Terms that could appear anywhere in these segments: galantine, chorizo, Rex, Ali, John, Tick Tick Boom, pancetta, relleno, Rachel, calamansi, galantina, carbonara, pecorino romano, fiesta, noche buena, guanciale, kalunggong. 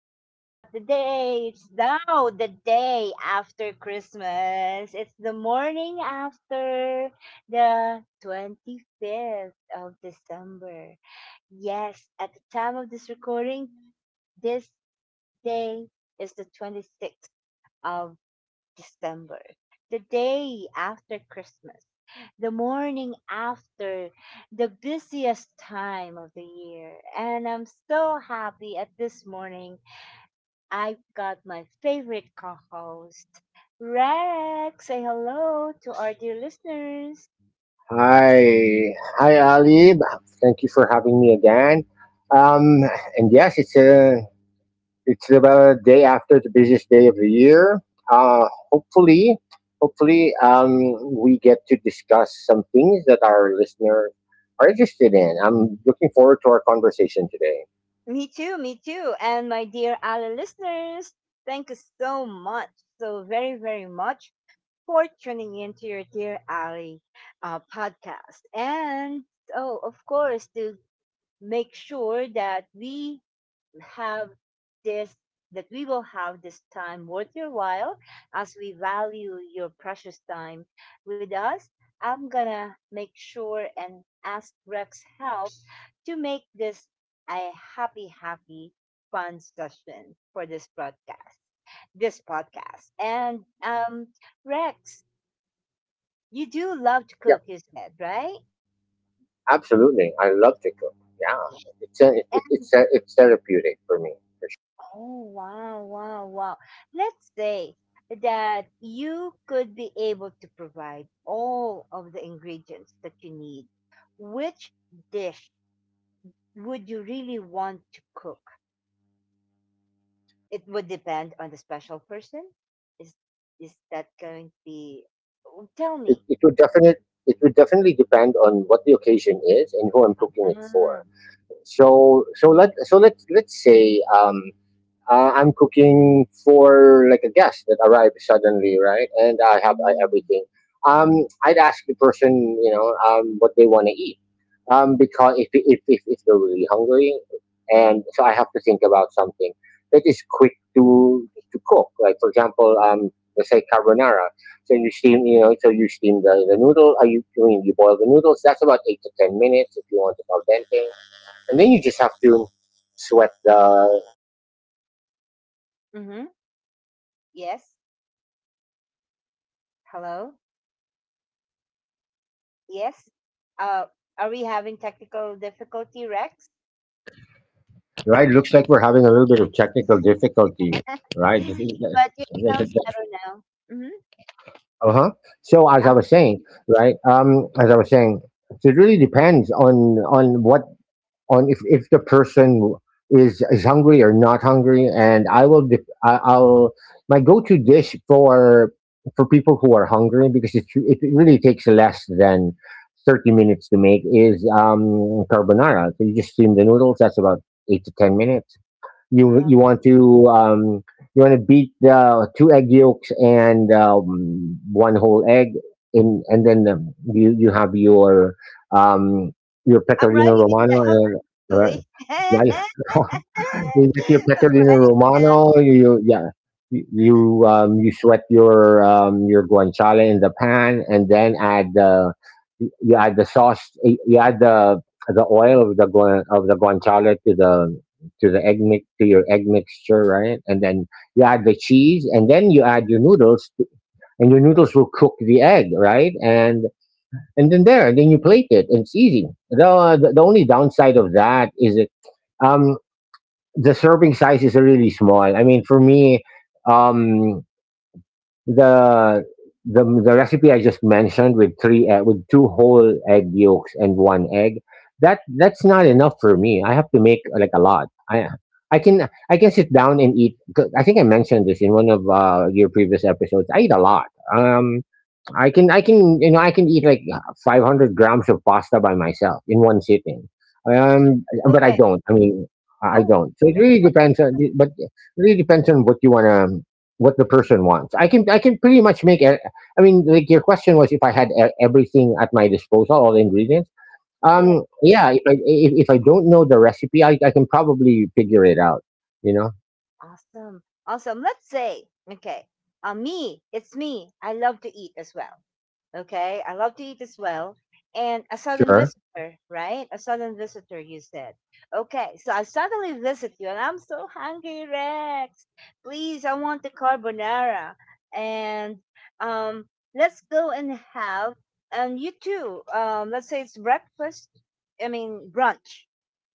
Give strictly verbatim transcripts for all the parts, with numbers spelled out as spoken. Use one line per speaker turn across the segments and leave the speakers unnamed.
It's not the day, it's now the day after Christmas. It's the morning after the twenty-fifth of December. Yes, at the time of this recording, this day is the twenty-sixth of December, the day after Christmas, the morning after the busiest time of the year. And I'm so happy at this morning. I've got my favorite co host, Rex. Say hello to our dear listeners.
Hi, hi, Ali. Thank you for having me again. Um, and yes, it's a it's about a day after the busiest day of the year. Uh, Hopefully, hopefully, um, we get to discuss some things that our listeners are interested in. I'm looking forward to our conversation today.
Me too, me too. And my dear Ali listeners, thank you so much, so very, very much for tuning in to your Dear Ali uh, podcast. And, oh, of course, to make sure that we have this that we will have this time worth your while as we value your precious time with us. I'm gonna make sure and ask Rex help to make this a happy, happy, fun session for this broadcast, this podcast. And um, Rex, you do love to cook,
Yeah,
you said, right?
absolutely. I love to cook. Yeah, it's a, it,
And,
it's a, it's therapeutic for me.
oh, wow, wow, wow. Let's say that you could be able to provide all of the ingredients that you need. Which dish would you really want to cook? It would depend on the special person. Is is that going to be? Oh, tell
It,
me.
it would definite it would definitely depend on what the occasion is and who I'm cooking it for.
Ah.
So so let so let's let's say um, uh, I'm cooking for like a guest that arrived suddenly, right? And I have uh,
Mm.
everything. Um, I'd ask the person, you know, um, what they want to eat, um, because if, if if if they're really hungry, and so I have to think about something that is quick to to cook. Like for example, um, let's say carbonara. So you steam, you know, so you steam the, the noodle. Are you I mean you boil the noodles? That's about eight to ten minutes if you want it al dente, and then you just have to sweat the—
Mm-hmm. Yes. Hello. Yes. Uh, are we having technical difficulty, Rex?
Right, looks like we're having a little bit of technical difficulty, right?
But you sound better now. Hmm.
Uh huh. So as
Oh,
I was saying, right? Um, as I was saying, so it really depends on on what on if, if the person is is hungry or not hungry, and i will dif- I, i'll my go-to dish for for people who are hungry, because it, it really takes less than thirty minutes to make is um carbonara. So you just steam the noodles, that's about eight to ten minutes. you
wow.
you want to um, you want to beat the uh, two egg yolks and um, one whole egg in. And then um, you you have your um, your
I'm
pecorino
writing it
romano.
down,
And right,
actually. I'm
right. You get your pecorino
writing it
romano.
down.
You, you yeah. You you, um, you sweat your um, your guanciale in the pan, and then add the— you you add the sauce. You you add the the oil of the guan, of the guanciale to the— to the egg mix to your egg mixture, right? And then you add the cheese, and then you add your noodles, and your noodles will cook the egg, right? And and then there, and then you plate it. It's easy. The the, the only downside of that is it. Um, the serving size is really small. I mean, for me, um, the the the recipe I just mentioned with three egg, with two whole egg yolks and one egg, that that's not enough for me. I have to make uh, like a lot. I I can I can sit down and eat, 'cause I think I mentioned this in one of uh, your previous episodes. I eat a lot. Um, I can I can, you know, I can eat like five hundred grams of pasta by myself in one sitting, um, but I
Okay.
don't. I mean, I I
Oh,
don't. So it really depends on, but it really depends on what you want to, what the person wants. I can I can pretty much make. e- I mean, like, your question was if I had e- everything at my disposal, all the ingredients.
yeah.
Um, yeah, if I if, if I don't know the recipe, I, I can probably figure it out. You know,
Awesome. Awesome. Let's say, okay, uh, me, it's me. I love to eat as well. Okay, I love to eat as well. And a sudden
sure,
visitor, right? A sudden visitor, you said. Okay, so I suddenly visit you and I'm so hungry, Rex. Please, I want the carbonara. And um, let's go and have, and you too, um, let's say it's breakfast, I mean, brunch.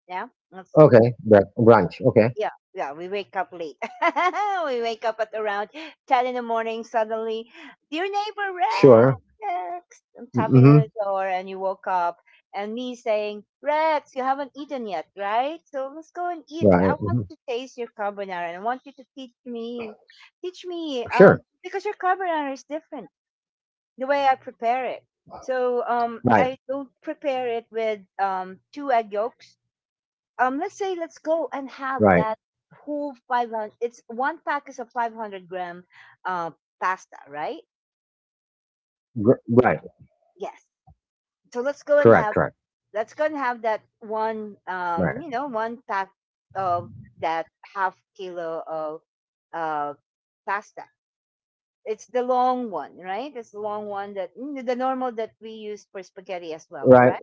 Yeah, let's
okay, Br- brunch, okay,
yeah, yeah, we wake up late. We wake up at around ten in the morning. Suddenly, dear neighbor,
sure,
Rex, I'm tapping on the
mm-hmm.
door, and you woke up, and me saying, Rex, you haven't eaten yet, right? So let's go and eat. I
Right,
want to
hmm.
taste your carbonara, and I want you to teach me, teach me, um,
Sure.
because your carbonara is different the way I prepare it. So um, I
Right.
don't prepare it with um, two egg yolks, um let's say let's
Right.
go and have that whole five hundred, it's one pack is of five hundred gram uh pasta, right?
R- right.
Yes.
Correct. Correct.
So let's go and have, let's go and have that
Right.
one, um you know one pack of that half kilo of uh pasta. It's the long one, right? It's the long one that mm, the normal that we use for spaghetti as well,
Right.
correct?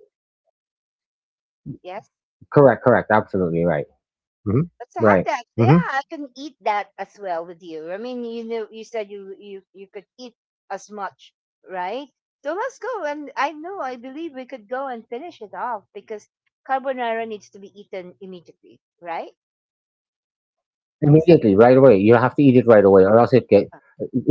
Yes.
Correct. Correct. Absolutely right. Hmm.
Okay, let's have
Right.
that. Yeah,
Hmm.
I can eat that as well with you. I mean, you know, you said you you you could eat as much, right? So let's go. And I know, I believe we could go and finish it off because carbonara needs to be eaten immediately, right? Is that,
Immediately, right away. You have to eat it right away, or else it get—
uh,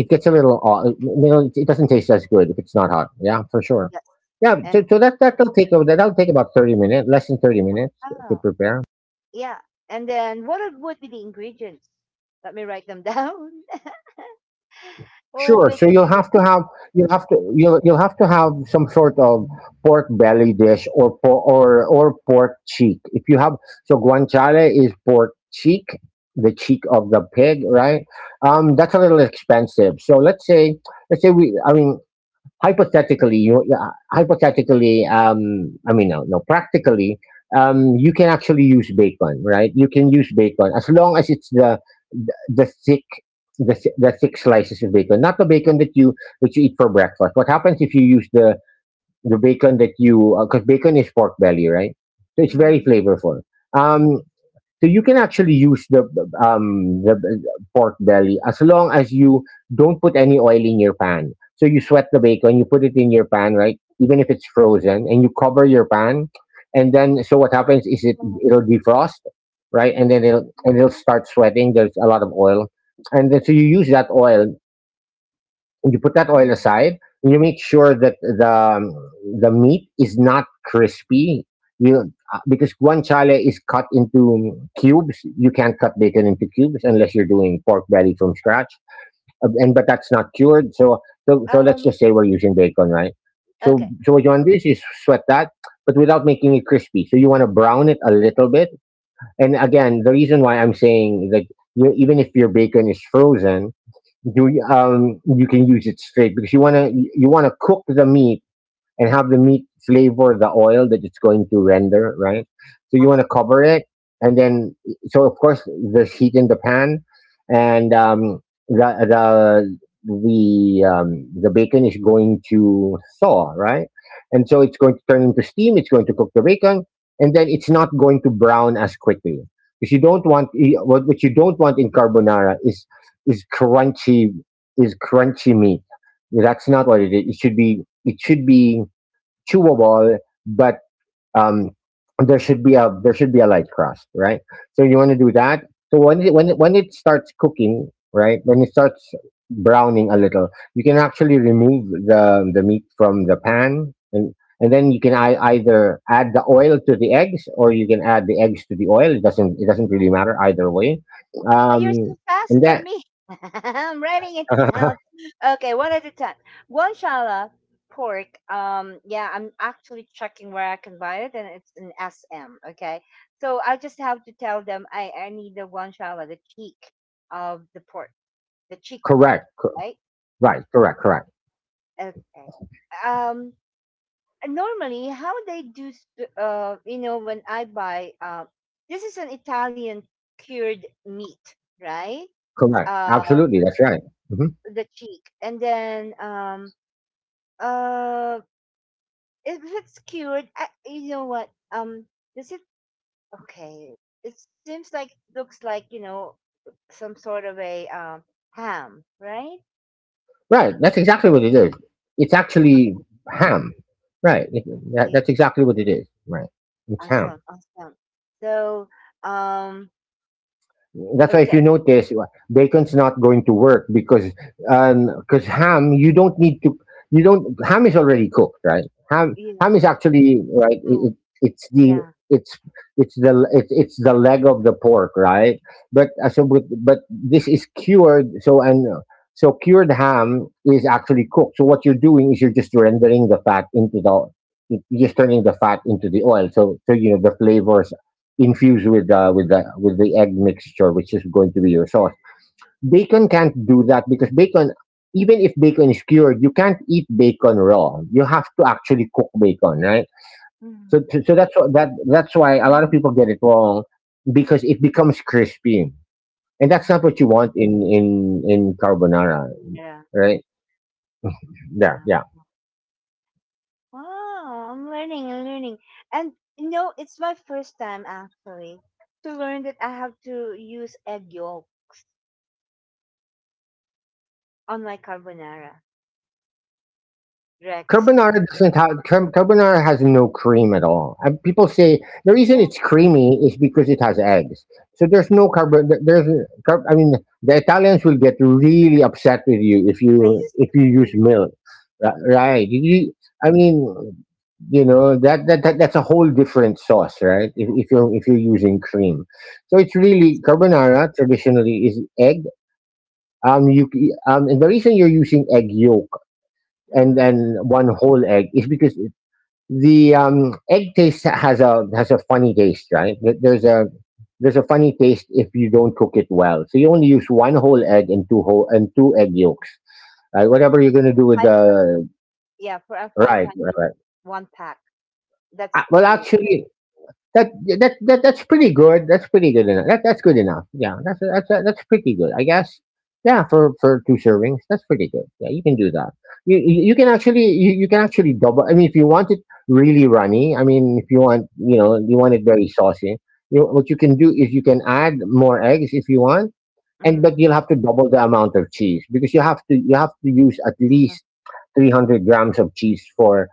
it gets a little off. You know, it it doesn't taste as good if it's not hot. Yeah, for sure.
yes?
Yeah. So,
And,
so that that'll take over. That'll take about thirty minutes, less than thirty minutes to
wow,
prepare.
yeah. And then what are- would be the ingredients? Let me write them down.
Sure.
Oh,
So
the
you'll have to
ingredients.
have— you'll have to you'll you'll have to have some sort of pork belly dish or por- or or pork cheek. If you have— so guanciale is pork cheek, the cheek of the pig, right? Um, that's a little expensive. So let's say let's say we I mean hypothetically, you uh, hypothetically, um, I mean, no, no, practically, um, you can actually use bacon, right? You can use bacon as long as it's the the, the thick. The, thi- the thick slices of bacon, not the bacon that you— that you eat for breakfast. What happens if you use the the bacon that you— because bacon is pork belly, right? So it's very
Mm-hmm.
flavorful. Um, so you can actually use the um the the pork belly, as long as you don't put any oil in your pan. So you sweat the bacon, you put it in your pan, right? Even if it's frozen, and you cover your pan, and then so what happens is it it'll defrost, right? And then it'll and it'll start sweating. There's a lot of oil, and then so you use that oil— you put that oil aside. You make sure that the— um, the meat is not crispy. You uh, because guanciale is cut into cubes. You can't cut bacon into cubes unless you're doing pork belly from scratch. Uh, and but that's not cured. So so so let's
Um.
just say we're using bacon, right? So
Okay.
so what you want to do is you sweat that, but without making it crispy. So you want to brown it a little bit. And again, the reason why I'm saying that— you, even if your bacon is frozen, do y- um you can use it straight, because you want to— you want to cook the meat and have the meat flavor the oil that it's going to render, right? So you want to
Awesome.
cover it, and then so of course there's heat in the pan, and um, the the the um, the bacon is going to thaw, right? And so it's going to turn into steam. It's going to cook the bacon, and then it's not going to brown as quickly, because you don't want— you- what what you don't want in carbonara is is crunchy is crunchy meat. That's not what it is. It should be— it should be chewable, but um, there should be a— there should be a light crust, right? So you want to do that. So when it, when it, when it starts cooking, right? When it starts browning a little, you can actually remove the the meat from the pan, and and then you can I, either add the oil to the eggs, or you can add the eggs to the oil. It doesn't it doesn't really matter either way.
Uh, You're
Um,
so fast
and
for
that—
me. I'm writing it down. Okay, one at a time. Guanciale pork. Um, yeah, I'm actually checking where I can buy it, and it's in S M. Okay, so I just have to tell them I I need the guanciale, the cheek of the pork, the cheek part,
correct, cor-
right?
right, correct, correct,
Okay. Um, normally how they do, s- uh, you know, when I buy, uh, this is an Italian cured meat, right?
correct.
Uh,
Absolutely, that's right. Mm-hmm.
the cheek, and then um uh if it's cured, I, you know what, um does it, okay, it seems like, looks like, you know some sort of a um ham, right?
Right. That's exactly what it is. It's actually ham. Right. It, that,
Yeah,
that's exactly what it is. Right. It's ham.
awesome, awesome. So, um
That's why if
okay,
you notice, uh, bacon's not going to work because— because ham you don't need to— you don't— ham is already cooked, right? Ham
you
ham is
know
actually— right.
move,
It, it, it's the
yeah.
it's it's the it's it's the leg of the pork, right? But uh, so but, but this is cured. So and uh, so cured ham is actually cooked. So what you're doing is you're just rendering the fat into the— you're just turning the fat into the oil. So so you know the flavors infused with uh, with the— with the egg mixture, which is going to be your sauce. Bacon can't do that because bacon, even if bacon is cured, you can't eat bacon raw. You have to actually cook bacon, right? So
Mhm.
so, so that's what— that that's why a lot of people get
Mhm.
it wrong, because it becomes crispy, and that's not
Mhm.
what you want in in in carbonara,
Yeah.
right? Yeah, yeah.
Uh-huh. Wow, I'm learning and learning. And, you know, it's my first time actually to learn that I have to use egg yolk on my carbonara, Rex.
Carbonara doesn't have car- carbonara has no cream at all. And people say the reason
Yeah,
it's creamy is because it has eggs. So there's no carbon. There's car- I mean, the Italians will get really upset with you if
I
you—
use
if
the
you use
cream.
milk. Ri- right? You, I mean, you know that, that that that's a whole different sauce, right? If, if you're— if you're using cream, so it's really— carbonara traditionally is egg. Um, you c- um, and the reason you're using egg yolk and
Mm-hmm.
then one whole egg is because the um, egg taste has a— has a funny taste, right? There- There's a— there's a funny taste if you don't cook it well. So you only use one whole egg and two whole and two egg yolks. Right? Whatever you're gonna do with
five hundred.
the—
Yeah, for a five
right, right,
hundred
right.
one pack.
Uh,
That's
Well,
good enough.
actually, that, yeah, that that that's pretty good. That's pretty good enough. That that's good enough. Yeah, that's that's that's pretty good, I guess. Yeah, for for two servings, that's pretty good. Yeah, you can do that. You you you can actually— you, you can actually double. I mean, if you want it really runny. I mean, if you want you
Mm-hmm.
know you want it very saucy, you, what you can do is you can add more eggs if you want, and
Mm-hmm,
but you'll have to double the amount of cheese because you have to you have to use at
mm-hmm.
least three hundred grams of cheese for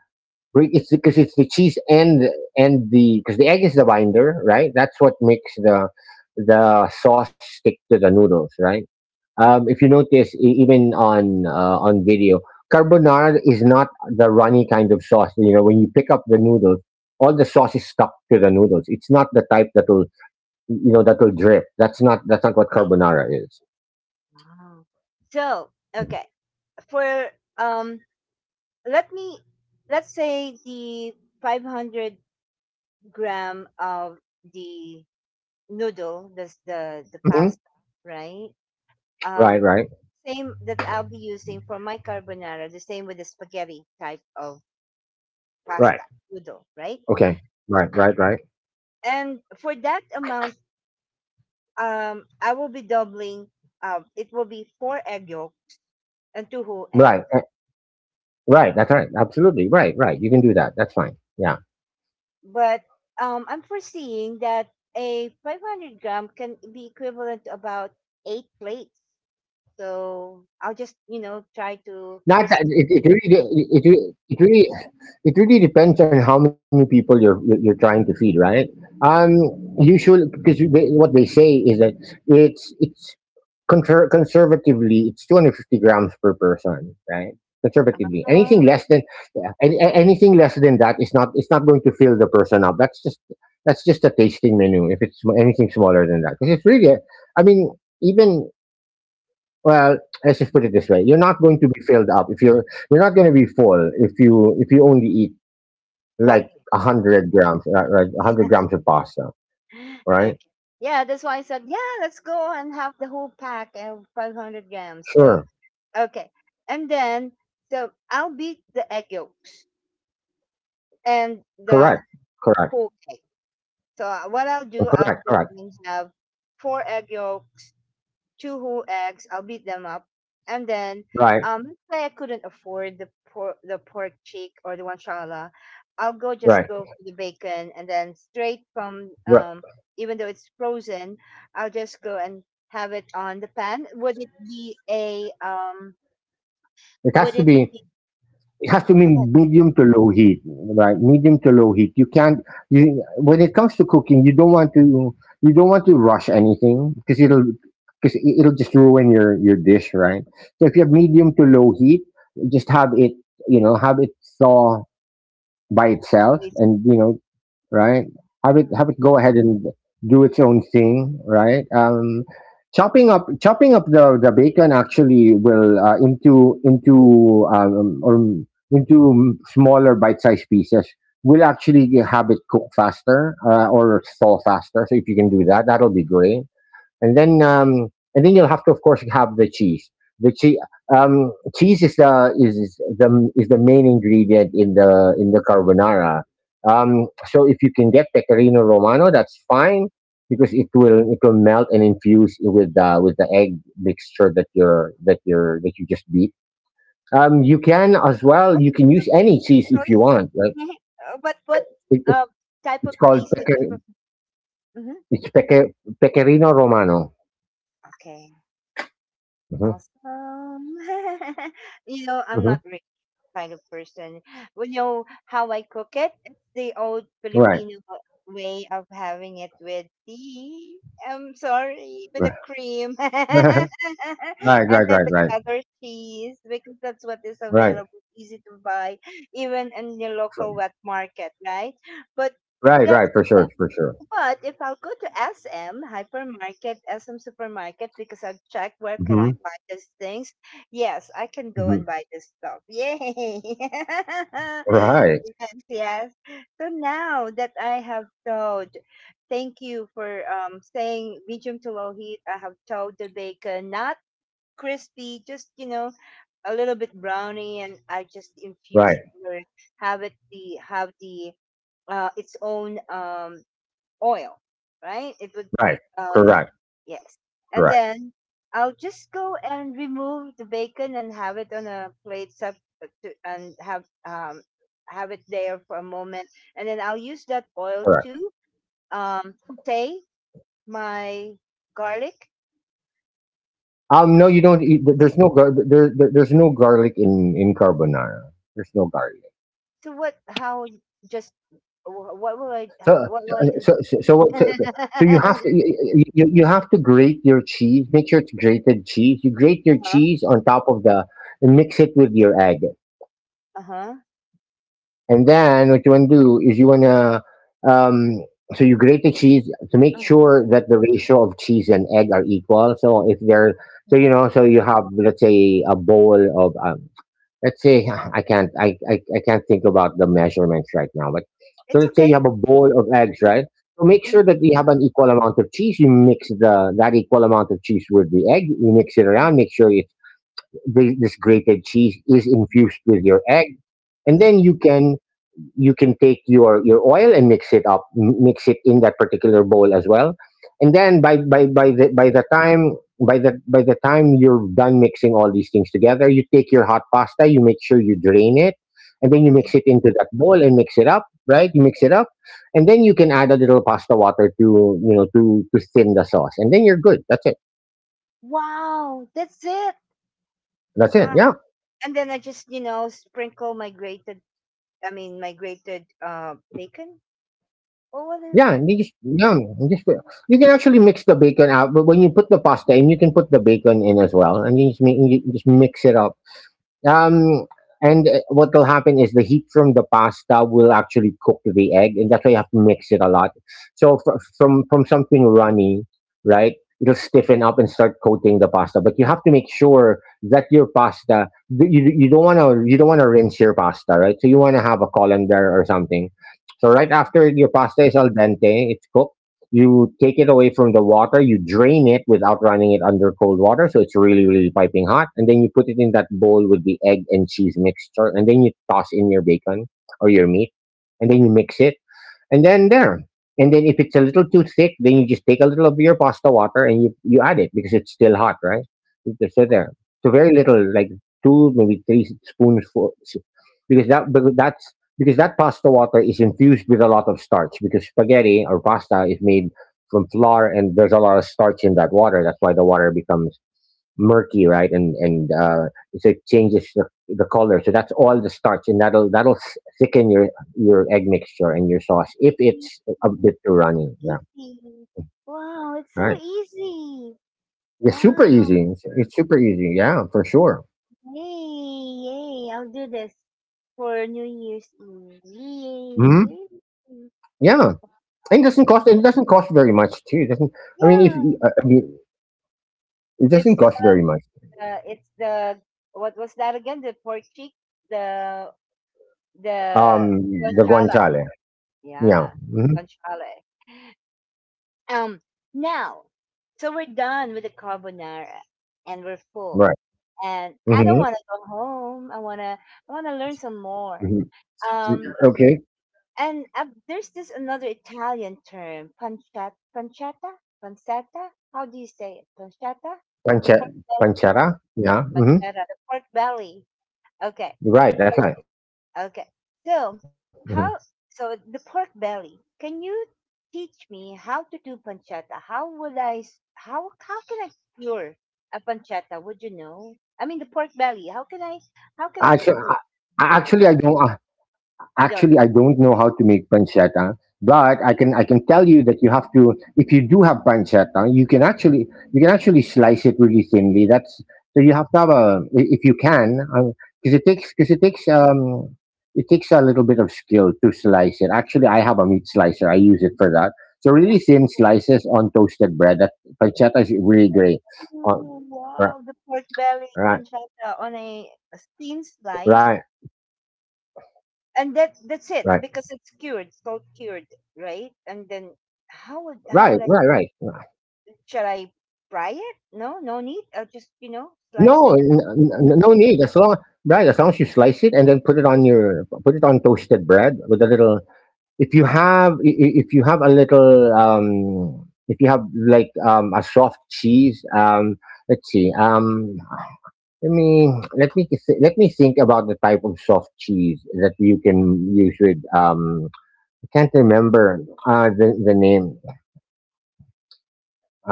Re- it's because it's the cheese and and the because the egg is the binder, right? That's what makes the the sauce stick to the noodles, right? Um, if you notice, e- even on uh, on video, carbonara is not the runny kind of sauce. You know, when you pick up the noodles, all the sauce is stuck to the noodles. It's not the type that will you know that will drip. That's not that's not what carbonara is.
Wow. So, okay, for, um let me let's say, the five hundred gram of the noodle, that's the the
Mhm.
pasta, right? Um,
Right, right,
same that I'll be using for my carbonara, the same with the spaghetti type of
right.
pasta noodle, right?
Okay. Right, right, right,
And for that amount, um, I will be doubling. Um, it will be four egg yolk and two whole egg.
right, eh, right. That's right. Absolutely. Right, right. You can do that. That's fine. Yeah.
But um, I'm foreseeing that a five hundred gram can be equivalent to about eight plates. So I'll just, you know, try
Not that
to
it, it
foresee
really de- it, it re- it really it really depends on how many people you're you're you're trying to feed, right? Um, Usually, because what they say is that it's it's conser- conservatively, it's two hundred fifty grams per person, right? Conservatively,
uh,
anything less than yeah, any, a- anything less than that is not it's not going to fill the person up. That's just that's just a tasting menu. If it's sm- anything smaller than that, because it's really, a- I mean, even well, let's just put it this way: you're not going to be filled up if you're you're not going to be full if you if you only eat
one
like
plate.
a hundred grams, uh, right? A hundred grams of pasta, right?
Okay. Yeah, that's why I said, yeah, let's go and have the whole pack of five hundred grams. So,
Sure,
okay. And then, so I'll beat the egg yolks and the
correct, correct,
whole cake. So, uh, what I'll do, I'll
correct,
go
correct,
and have four egg yolks. Two whole eggs. I'll beat them up, and then,
right.
um, let's say I couldn't afford the pork, the pork cheek or the one shalala, I'll go just
Right,
go for the bacon, and then straight from,
right.
um, even though it's frozen, I'll just go and have it on the pan. Would it be a um?
It has
Would
to
it
be.
be?
It has
uh
to be
Go ahead,
medium to low heat, right? Medium to low heat. You can't. You, when it comes to cooking, you don't want to. You don't want to rush anything because it'll because it'll just ruin your your dish, right? So if you have medium to low heat, just have it. You know, have it thaw by itself,
please.
and you know right have it
Uh,
have it go ahead and do its own thing, right? um chopping up chopping up the the bacon actually will uh, into into um or into smaller bite-sized pieces will actually have it cook faster, uh, or thaw faster. So if you can do that, that'll be great. And then um, and then you'll have to, of course, have the cheese. The cheese, um, cheese is the is the is the main ingredient in the in the carbonara. Um, so if you can get pecorino romano, that's fine because it will it will melt and infuse with the with the egg mixture that you're that you're that you just beat. Um, you can as well,
What
you can
kind of
use any
cheese? I'm
cheese if you
sorry.
want. Right?
Uh, but what,
It, it's
uh, type of
it's called
cheese that you
pecker,
prefer? Hmm.
it's pecker, pecorino romano.
Okay.
Hmm.
Awesome. you know, I'm
Hmm.
not really that kind of person. Well, you know how I cook it? It's the old
Right.
Filipino way of having it with tea. I'm sorry, with
Right.
the cream,
Right, right,
and then
right,
the
right,
cheddar cheese because that's what is
right,
available, easy to buy, even in the
so-
local wet market, right? But
right, right,
that's
for sure, for sure.
but if I'll go to S M hypermarket, S M supermarket, because I've checked where can I
Hmm.
buy these things, yes, I can go
Hmm.
and buy this stuff. Yay!
Right,
Yes, yes. So now that I have told, thank you for um saying medium to low heat. I have told the bacon, not crispy, just you know a little bit browny, and I just infused
right,
or have it the have the uh, its own, um, oil, right? It would,
right.
um,
Correct,
yes. And
correct,
then I'll just go and remove the bacon and have it on a plate sub to, and have um have it there for a moment, and then I'll use that oil
correct.
to, um say, my garlic.
Um, no, you don't. Eat, there- there's no gar- there, there, There's no garlic in in carbonara. There's no garlic.
So what? How? Just wh- what will I?
So,
What
so,
will I do?
so, so, so, what- so, so so you
uh
have to you, you you have to grate your cheese. Make sure it's grated cheese. You grate your
huh.
cheese on top of the and mix it with your egg.
Uh huh.
And then what you want to do is you want to, um, so you grate the cheese to make
Uh-huh.
sure that the ratio of cheese and egg are equal. So if they're, so
Yeah.
you know, so you have, let's say, a bowl of, um, let's say, I can't, I, I, I can't think about the measurements right now, but so
It's
let's say
okay.
you have a bowl of eggs, right? So make sure that
Mm-hmm.
you have an equal amount of cheese. You mix the that equal amount of cheese with the egg. You mix it around. Make sure it's, this this grated cheese is infused with your egg, and then
Mm-hmm.
you can you can take your your oil and mix it up m- mix it in that particular bowl as well, and then by by by the by the time by the by the time you're done mixing all these things together, you take your hot pasta, you make sure you drain it, and then you
Mm-hmm.
mix it into that bowl and mix it up, right? You mix it up, and then you can add a little pasta water to, you know, to to thin the sauce, and then you're good. That's it.
Wow, that's it.
That's it.
Wow.
Yeah.
And then I just, you know, sprinkle my grated, I mean, my grated, uh, bacon. Oh, what a
Yeah, and you just yum, you just put you can actually mix the bacon out, but when you put the pasta in, you can put the bacon in as well, and you just mi you just mix it up. Um, and uh, What will happen is the heat from the pasta will actually cook the egg, and that's why you have to mix it a lot. So fr- from from something runny, right? It'll stiffen up and start coating the pasta, but you have to make sure that your pasta th- you, you don't want to you don't want to rinse your pasta, right? So you want to have a colander or something. So right after your pasta is al dente, it's cooked, you take it away from the water, you drain it without running it under cold water, so it's really, really piping hot. And then you put it in that bowl with the egg and cheese mixture, and then you toss in your bacon or your meat, and then you mix it, and then there. And then if it's a little too thick, then you just take a little of your pasta water and you you add it because it's still hot, right? It's- So there, so very little, like two, maybe three spoons, for, because that because that's because that pasta water is infused with a lot of starch, because spaghetti or pasta is made from flour, and there's a lot of starch in that water. That's why the water becomes murky, right? And and uh, so it changes the, the color. So that's all the starch, and that'll that'll s- thicken your your egg mixture and your sauce if
easy.
it's a bit too runny. Yeah,
Wow, it's so
right.
easy.
It's super
Wow.
easy. It's, it's super easy. Yeah, for sure.
Yay, yay. I'll do this for New Year's Eve.
Hmm.
Yay. Yay.
Yeah, and it
Wow.
doesn't cost. It doesn't cost very much too. It doesn't. I mean, if you-
Yeah.
uh, I mean, it
It's
doesn't
the
cost very much.
uh, it's the what was that again? The pork cheek, the the
Um, the
guanciale.
guanciale. Yeah.
Yeah,
Hmm.
guanciale. Um, now, so we're done with the carbonara, and we're full.
Right.
And I don't
Hmm.
want to go home. I wanna, I wanna learn some more.
Hmm.
Um,
Okay.
and uh, there's this another Italian term, pancetta, pancetta, pancetta. How do you say it? Pancetta, the
Pancha,
pork belly,
panchara. Yeah. Hmm.
pancetta, the pork belly. Okay.
Right. That's
So,
right. Mhm.
okay. So, how so the pork belly? Can you teach me how to do pancetta? How would I s- how how can I cure a pancetta? Would you know? I mean the pork belly. How can I
Actua
how can I cure it?
Actually, I don't uh, actually, I
You
don't
don't.
know how to make pancetta, but I can I can tell you that you have to if you do have pancetta, you can actually you can actually slice it really thinly. That's so you have to have a i- if you can, because it
The,
takes because it takes um it takes a little bit of skill to slice it. Actually, I have a meat slicer. I use it for that. So
wow.
really thin slices on toasted bread. That pancetta is really great. Uh, right,
Wow, the pork belly
right,
pancetta on a, a
right,
thin slice.
right,
And that that's it because it's cured, salt cured, right? And then
right, right,
how
right.
would how would I should I fry it? No, no need. I'll just, you
No,
know,
n-
slice it.
n- no need. As long, right? As long as you slice it and then put it on your put it on toasted bread with a little. If you have i- i- if you have a little um if you have like um a soft cheese, um let's see, um let me let me th- let me think about the type of soft cheese that you can use with, um I can't remember uh the the name.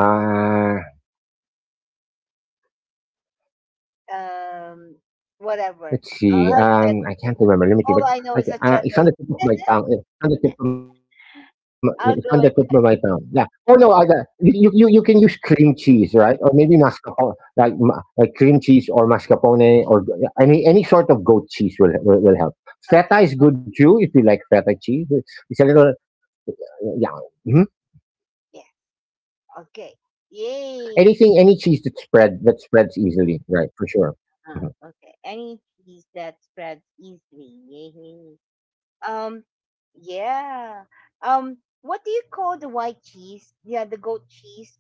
uh Let's see, um, I
Um,
can't remember, let me see,
whatever.
but I
I'll
c
have
uh,
cheddar.
it's on the tip of my
All
tongue,
I
eh,
know is a
it's on the
cheddar.
tip of my it's on the tip of my tongue, yeah. Oh, no, I got
I'll
you
go
you
and,
you you can use cream
yeah.
cheese, right? Or maybe mascarpone, like ma like cream cheese or mascarpone or g yeah, any any sort of goat cheese will will will help. Feta is good too, if you like
Okay.
feta
Oh,
cheese, it's a little, yeah, mhm.
yeah.
Anything,
Okay.
any cheese that spread
Yay.
that spreads easily, right, for sure. Mhm.
Uh, okay. Any cheese that spreads easily. Yay. Um. Yeah. Um. What do you call the white cheese? Yeah, the goat cheese.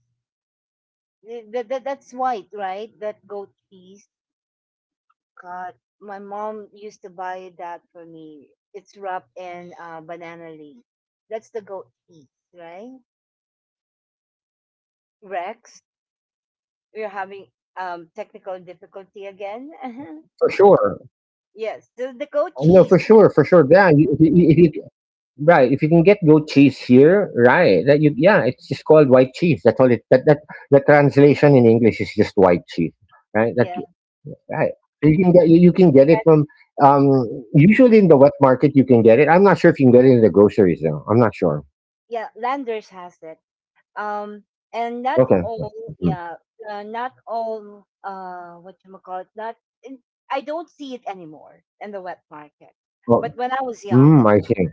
The, the, the- that's white, right? That goat cheese. God, my mom used to buy that for me. It's wrapped in, uh, banana leaf. That's the goat cheese, right? Rex, we're having um technical difficulty again.
Sure. For sure.
Yes, the, the
Uh,
goat
No, for
cheese.
sure,
that-
for sure. Yeah, you- if you, if you right, if you can get goat cheese here, right? That you, yeah, it's just called white cheese. That's all it. That that the translation in English is just white cheese, right? That
Yeah,
right. So you can get you, you can get it
that's-
from um usually in the wet market. You can get it. I'm not sure if you can get it in the groceries, though. I'm not sure.
yeah. Landers has it. Um, and not
Okay. Yeah.
all.
Mm-hmm.
Yeah, uh, not all. Uh, what you call it? Not. in- I don't see it anymore in the wet market.
Oh,
But when I was young,
mm,
it.
I see.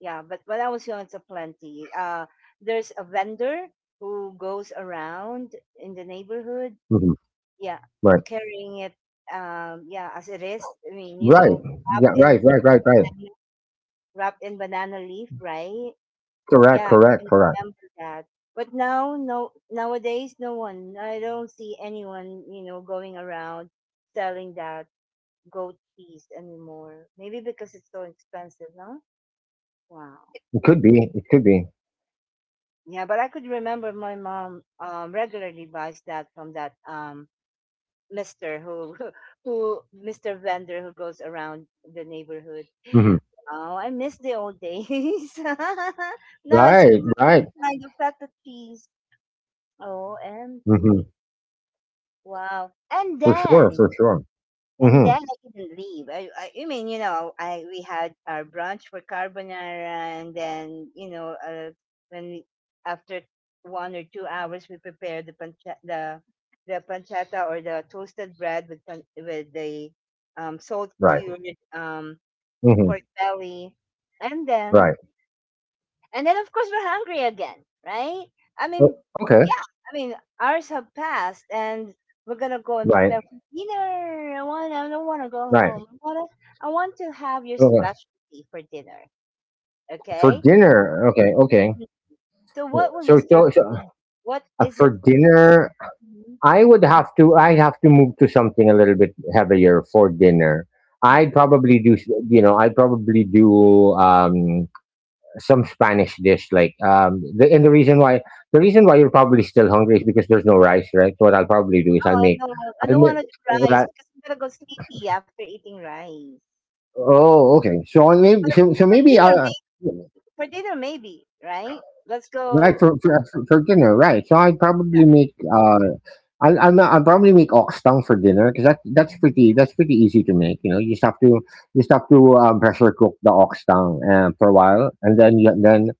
Yeah, but when I was young, it's a plenty. Uh, there's a vendor who goes around in the neighborhood,
Mhm.
yeah,
Right.
carrying it, um, yeah, as it is. I mean, you
Right.
know,
Yeah.
wrapped
Right.
in
Right. Right. Right.
banana, wrapped in banana leaf, right?
Correct.
Yeah, I
Correct.
can
Correct.
remember that. But now, no, nowadays, no one. I don't see anyone, you know, going around selling that goat cheese anymore. Maybe because it's so expensive, huh? Wow.
It could be. It could be.
Yeah, but I could remember my mom um, regularly buys that from that um, Mister who who Mister vendor who goes around the neighborhood.
hmm
Oh, I miss the old days. Now it's
Right.
more to
Right.
find the feta cheese.
hmm
O M G. Wow. And
For sure.
then
For sure.
And
hmm
then I didn't leave. I, I, I mean, you know, I we had our brunch for carbonara, and then you know, uh, when we, after one or two hours, we prepared the pancha, the the pancetta or the toasted bread with pan, with the um, salt
Right.
cured um,
hmm
pork belly, and then
Right.
and then of course we're hungry again, right? I mean,
O- Okay.
yeah, I mean hours have passed and we're gonna go and
Right.
prepare for dinner. I want I don't wanna go
Right.
home. I wanna I want to have your
Okay.
specialty for dinner.
For
Okay?
dinner. Okay. Okay.
Mhm. So what will you
So
serve
so, so
me? What
uh,
is it?
for dinner,
Mhm.
I would have to. I have to move to something a little bit heavier for dinner. I'd
Mhm.
probably do. S- You know, I'd probably do. Um, some Spanish dish. Like, um, the, and the reason why the reason why you're probably still hungry is because there's no rice, right? So what I'll probably do is
Oh,
I'll
I
make,
don't, I
I'll
don't
make,
want to do rice
right?
because I'm gonna go sleepy after eating rice.
Oh, okay. So I
But
maybe so, so
for
maybe
dinner,
uh,
maybe, for dinner, maybe, right? Let's go. Yeah.
right for, for for for dinner, right? So I'd probably make uh. I'll, I'll, not- I'll probably make ox tongue for dinner because that, that's pretty that's pretty easy to make. You know, you just have to you just have to um, pressure cook the ox tongue uh, for a while, and then you, then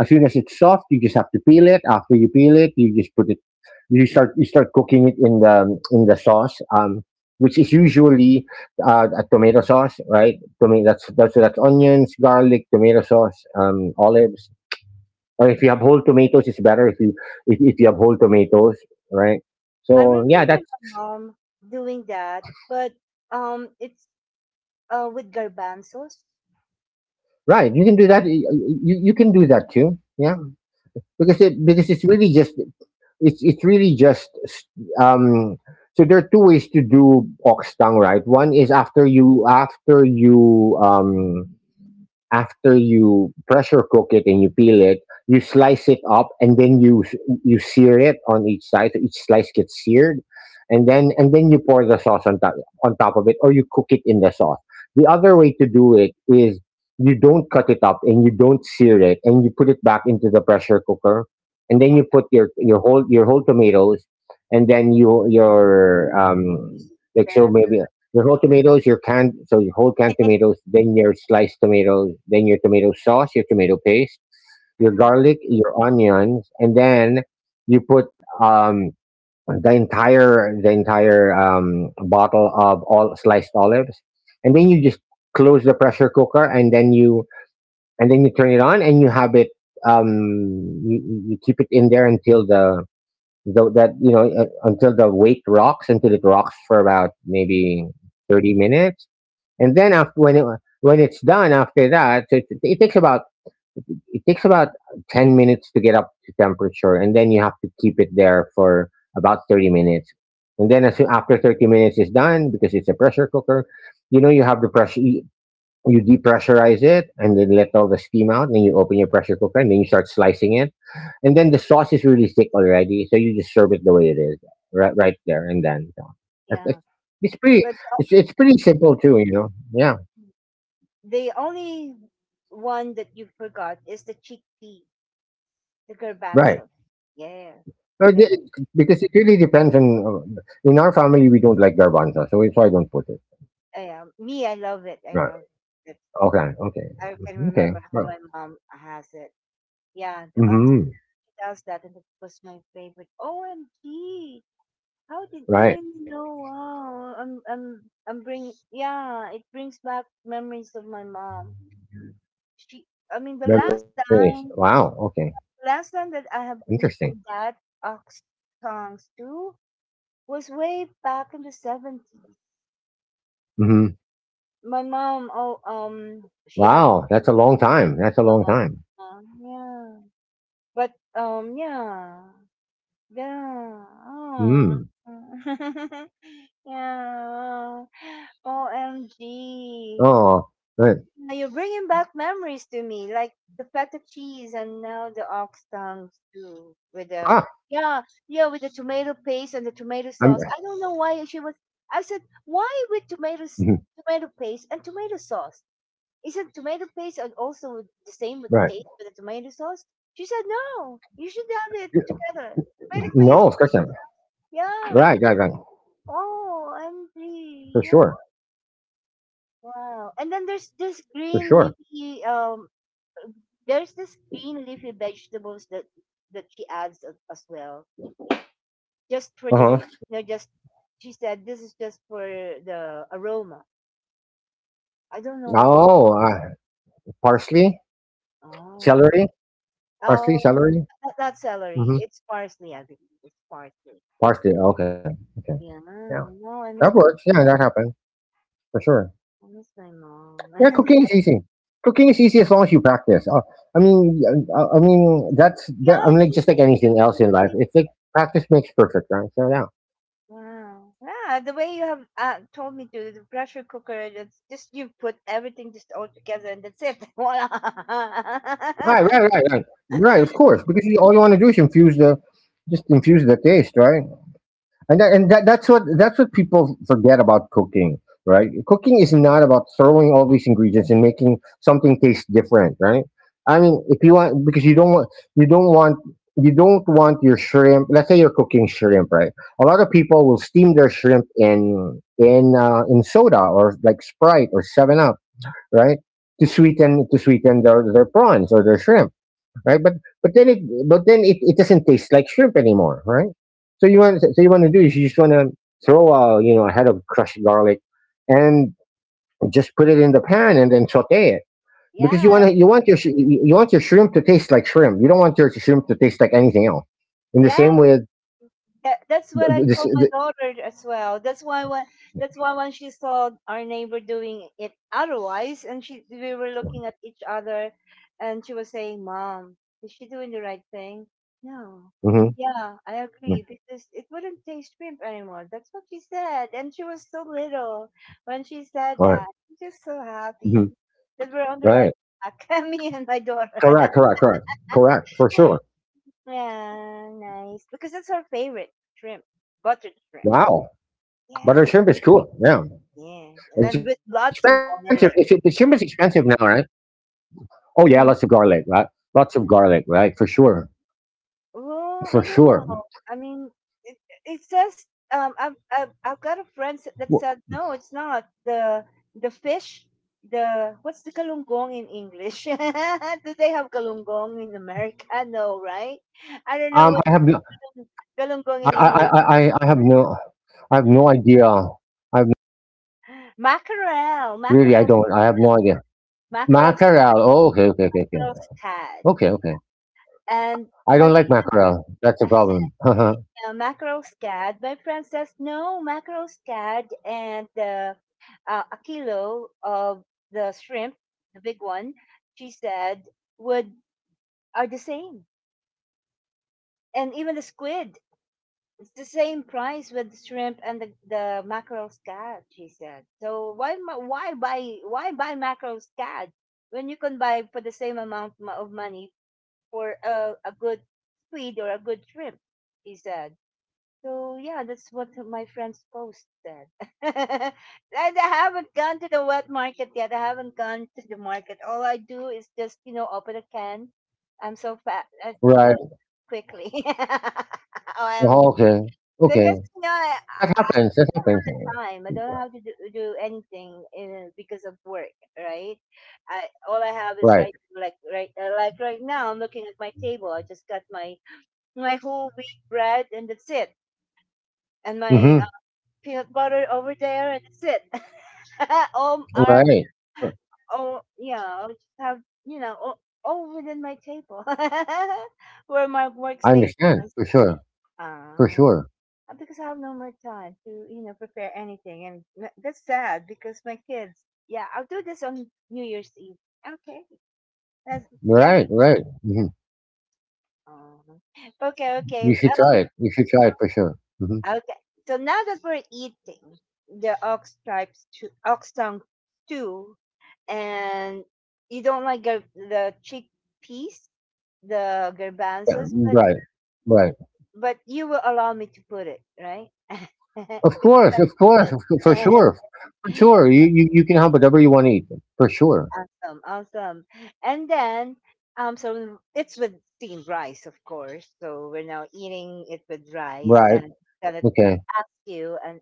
as soon as it's soft, you just have to peel it. After you peel it, you just put you start you start cooking it in the in the sauce, um, which is usually uh, a tomato sauce, right? Tomato that's that's that's onions, garlic, tomato sauce, um, olives, or if you have whole tomatoes, it's better if you if, if you have whole tomatoes, right?
I
So yeah,
remember
that's
my mom doing that, but um, it's uh with garbanzos.
right. You can do that. You, you you can do that too. Yeah, because it because it's really just it's it's really just um. So there are two ways to do ox tongue, right? One is after you after you um after you pressure cook it and you peel it, you slice it up and then you s- you sear it on each side. So each slice gets seared, and then and then you pour the sauce on top on top of it, or you cook it in the sauce. The other way to do it is you don't cut it up and you don't sear it, and you put it back into the pressure cooker, and then
Oh,
you put your your whole your whole tomatoes, and then you your um like so
the,
maybe your whole tomatoes, your canned, so your whole canned
hmm.
tomatoes, then your sliced tomatoes, then your tomato sauce, your tomato paste, your
Mhm.
garlic, your onions, and then you put um, the entire the entire um, bottle of all sliced olives, and then you just close the pressure cooker, and then you and then you turn it on, and you have it. Um, you, you you keep it in there until the, the that you know uh, until the weight rocks, until it rocks for about
Mhm.
maybe thirty minutes, and then after when it, when it's done after that, so it, it takes about it takes about ten minutes to get up to temperature, and then you have to keep it there for about thirty minutes. And then as, after thirty minutes is done, because it's a pressure cooker, you know you have the pressure. You, you depressurize it and then let all the steam out, and then you open your pressure cooker and then you start slicing it. And then the sauce is really thick already, so you just serve it the way it is right right there and then. So, that's-
Yeah,
that's- it's pretty
but
it's, it's
uh,
pretty simple too, you know. Yeah.
the only one that you forgot is the chickpea, the
Right.
garbanzo. Yeah,
Uh,
the
the- it- because it really depends on uh, in our family we don't like garbanzo, so so I don't put it.
uh, me, I love it. I
Right.
love it.
Okay. Okay.
I can
Okay.
remember how
Well.
my mom has it. Yeah, the ox-
Mm-hmm.
she does that, and it was my favorite. OMG, how did you really know?
Right.
Wow, I'm I'm I'm bringing. Yeah, it brings back memories of my mom. She, I mean, the last
Memories.
time,
Wow. Okay.
last time that I have
Interesting.
eaten that ox tongue stew was way back in the seventies.
Mm-hmm.
My mom, oh um, she had.
Wow. That's a long time. That's a long time.
Uh, yeah, but um, yeah, yeah. Oh.
Mm.
Yeah.
Oh.
O M G.
Right.
Yeah, you're bringing back memories to me, like the feta cheese and now the ox tongues too,
Ah.
with the yeah, yeah, with the tomato paste and the
I'm.
tomato sauce. I don't know why she was. I said, why with
mhm,
tomatoes, tomato paste and tomato sauce? Isn't tomato paste and also the same
Right.
with taste with the tomato sauce? She said, no, you should have it together. Tomato
No, of
paste,
course not. Right.
yeah.
Right. Right.
Oh, I'm
For
yeah.
sure.
Wow. And then there's this
For
green
sure.
leafy um there's this green leafy vegetables that that she adds a- as well, just for
Uh
the
huh.
no, just she said this is just for the aroma. I don't know what. The,
Oh. Uh, parsley.
oh,
Celery. Parsley.
oh,
Celery.
not, not celery.
Mm-hmm.
It's parsley, I believe. It's parsley.
Parsley. Okay. Okay.
Yeah.
Yeah.
No,
That
I miss
works.
my
Yeah, that
mom.
happens for sure.
I miss my
Yeah,
mom.
cooking is easy. Cooking is easy as long as you practice. Uh, I mean, uh, uh, I mean, that's that. I
Yes.
mean, like,
Yes,
just like anything else
yes,
in life,
yes.
it's like practice makes perfect, right? So yeah,
Wow. Yeah, the way you have uh, told me to, the pressure cooker, it's just you put everything just all together and that's it. Voila.
right, right, right, right, right. Of course, because you, all you want to do is infuse the, just infuse the taste, right? And that, and that, that's what that's what people forget about cooking. Right? Cooking is not about throwing all these ingredients and making something taste different, right? I mean, if you want, because you don't want you don't want you don't want your shrimp. Let's say you're cooking shrimp, right? A lot of people will steam their shrimp in in uh, in soda or like Sprite or Seven Up, right? To sweeten to sweeten their, their prawns or their shrimp, right? But but then it but then it, it doesn't taste like shrimp anymore, right? So you want so so you want to do is you just want to throw a, you know, a head of crushed garlic and just put it in the pan and then saute it, because you
Yeah,
want to you want your sh- you you want your shrimp to taste like shrimp. You don't want your shrimp to taste like anything else. In the
yeah.
same way,
That, that's what I
this
told my
the,
daughter as well. That's why when that's why when she saw our neighbor doing it otherwise, and she we were looking at each other, and she was saying, "Mom, is she doing the right thing?" No.
mhm,
Yeah, I
mhm,
agree because it wouldn't taste shrimp anymore. That's what she said, and she was so little when she said
all right,
that. I'm just so
mhm,
happy that we're on the right
right,
track. Me and my daughter.
correct, correct, correct, correct for sure.
Yeah, nice because that's her favorite shrimp, buttered shrimp.
Wow,
Yeah,
butter shrimp is cool. Yeah,
yeah. And
it's
then with
expensive. If
lots
the
of
shrimp is
garlic.
expensive now, right? Oh yeah, lots of
Mm,
garlic, right? Lots of garlic,
yeah.
right? For sure, for
Well, I don't
sure.
know. I mean, it, it says
W-
um, I've, I've I've got a friend s- that said no, it's not the the fish. The what's the kalunggong in English? Do they have kalunggong in America?
Um, I
No,
have no,
right? I don't know what
I, I, I,
the
I I have
kalunggong in
no,
English.
I have no idea. I have no, really, I
Mackerel,
don't. I have
mackerel,
no idea. Mackerel.
mackerel,
Oh, okay, okay, okay, okay,
mackerel
okay,
tad.
okay.
And
I don't
my
like mackerel. That's the problem.
uh, Mackerel Scad by princess. No Mackerel Scad and the uh, a kilo of the shrimp, the big one, she said would are the same, and even the squid. It's the same price with the shrimp and the, the mackerel scad, she said. So why ma- why buy why buy mackerel scad when you can buy for the same amount mo- of money for a, a good squid or a good shrimp? She said. So yeah, that's what my friend's post said. And I haven't gone to the wet market yet. I haven't gone to the market. All I do is just, you know, open a can. I'm so fat, uh, you know,
Right.
quickly. um,
Oh, okay. Okay.
because you know, I,
That happens.
I
That happens.
don't have the time. I don't have to do, do anything uh, because of work, right? I All I have is
Right.
right, like right, uh, like right now. I'm looking at my table. I just got my my whole wheat bread, and that's it and my
Mm-hmm.
peanut butter over there, and that's it. All arms,
Right.
all yeah, I'll just have you know, all, all within my table, where my
I
workstation
understand
is.
for sure. For
Ah,
sure.
uh, because I have no more time to you know prepare anything, and tha- that's sad because my kids. Yeah, I'll do this on New Year's Eve. Okay, that's yeah.
Right. Right. Mm-hmm.
Aw. Okay,
You
okay.
should try
Um,
it. You should try it for sure. Mm-hmm.
okay. So now that we're eating the ox stripes, to, ox tongue stew, and you don't like gar- the chickpeas, the
Yeah,
garbanzos, but
right, right.
but you will allow me to put it, right?
Of
Because I
course, of
love
course, of cou- for sure, for
it.
sure. You, you you can have whatever you want to eat, for sure.
Awesome, awesome. And then um, so it's with steamed rice, of course. So we're now eating it with rice,
Right.
and I'm gonna
Okay.
ask you and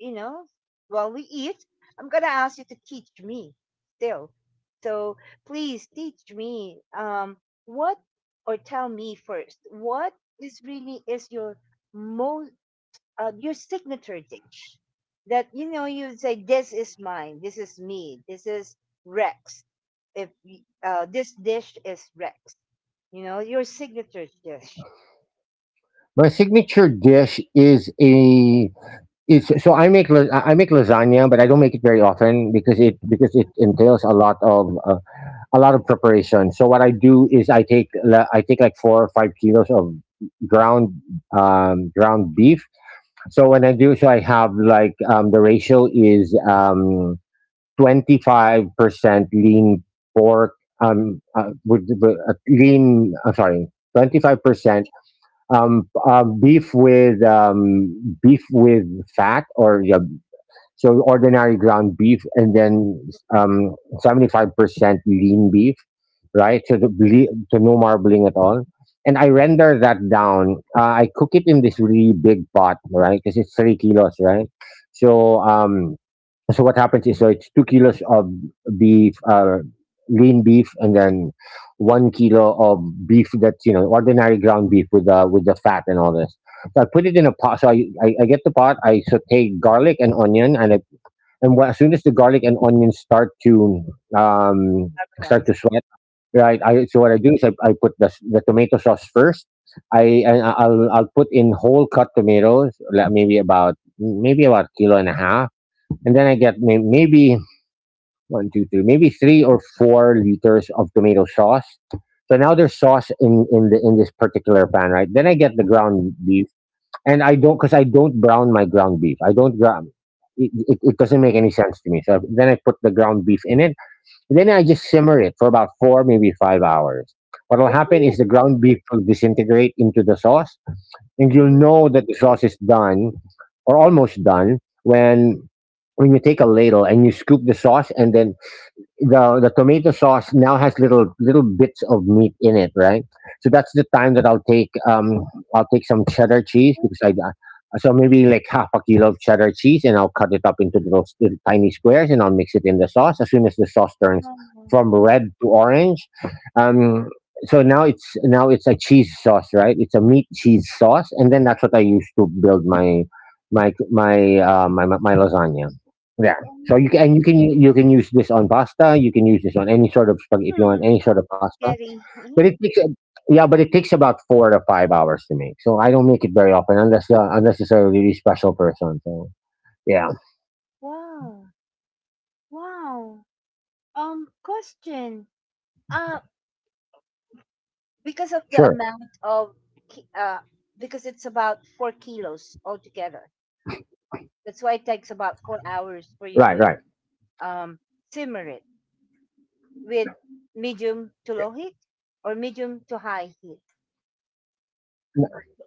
you know, while we eat, I'm gonna ask you to teach me still. So please teach me um what or tell me first what is really is your most uh, your signature dish that you know you say this is mine, this is me, this is Rex. If y- uh, This dish is Rex, you know your signature dish.
My signature dish is a is so I make la- I I make lasagna, but I don't make it very often because it because it entails a lot of uh, a lot of preparation. So what I do is I take la- I take like four or five kilos of ground um ground beef. So when I do, so I have like um the ratio is um twenty-five percent lean pork um uh, with, with uh, lean uh, sorry, twenty-five percent um uh, beef with um beef with fat, or yeah, so ordinary ground beef, and then um seventy-five percent lean beef, right? So the ble- so no marbling at all. And I render that down. uh, I cook it in this really big pot, right, because it's three kilos, right? So um so what happens is, so it's two kilos of beef, uh, lean beef, and then one kilo of beef that's, you know, ordinary ground beef with the with the fat and all this. So I put it in a pot. So I, I, I get the pot. I saute garlic and onion, and I, and wh- as soon as the garlic and onion start to um start
Guys.
to sweat, right? I so what I do is I, I put the s- the tomato sauce first. I and I- I'll I'll put in whole cut tomatoes, like maybe about maybe about a kilo and a half, and then I get may- maybe one, two, three, maybe three or four liters of tomato sauce. So now there's sauce in in the in this particular pan, right? Then I get the ground beef, and I don't because I don't brown my ground beef. I don't ground. It, it, it doesn't make any sense to me. So then I put the ground beef in it. Then I just simmer it for about four, maybe five hours. What will happen is
Oh.
the ground beef will disintegrate into the sauce, and you'll know that the sauce is done or almost done when when you take a ladle and you scoop the sauce, and then the the tomato sauce now has little little bits of meat in it, right? So that's the time that I'll take um I'll take some cheddar cheese because I uh, so maybe like half a kilo of cheddar cheese, and I'll cut it up into little, s- little tiny squares, and I'll mix it in the sauce as soon as the sauce turns from red to orange. Um so now it's now it's a cheese sauce, right? It's a meat cheese sauce, and then that's what I use to build my my my uh, my my my lasagna. Yeah. So you can,
Oh.
and you can u- you can use this on pasta. You can use this on any sort of spag- if you want
Hmm,
any sort of pasta.
very. Mhm.
But it takes a- yeah, but it takes about four to five hours to make. So I don't make it very often unless uh, unless it's a really special person. So yeah,
Wow. Wow. Um, question. Uh,
sure,
because of the amount of, ki- uh, because it's about four kilos altogether. That's why it takes about four
right, right.
hours for you to um simmer it with medium to low heat or medium to high heat.
No, it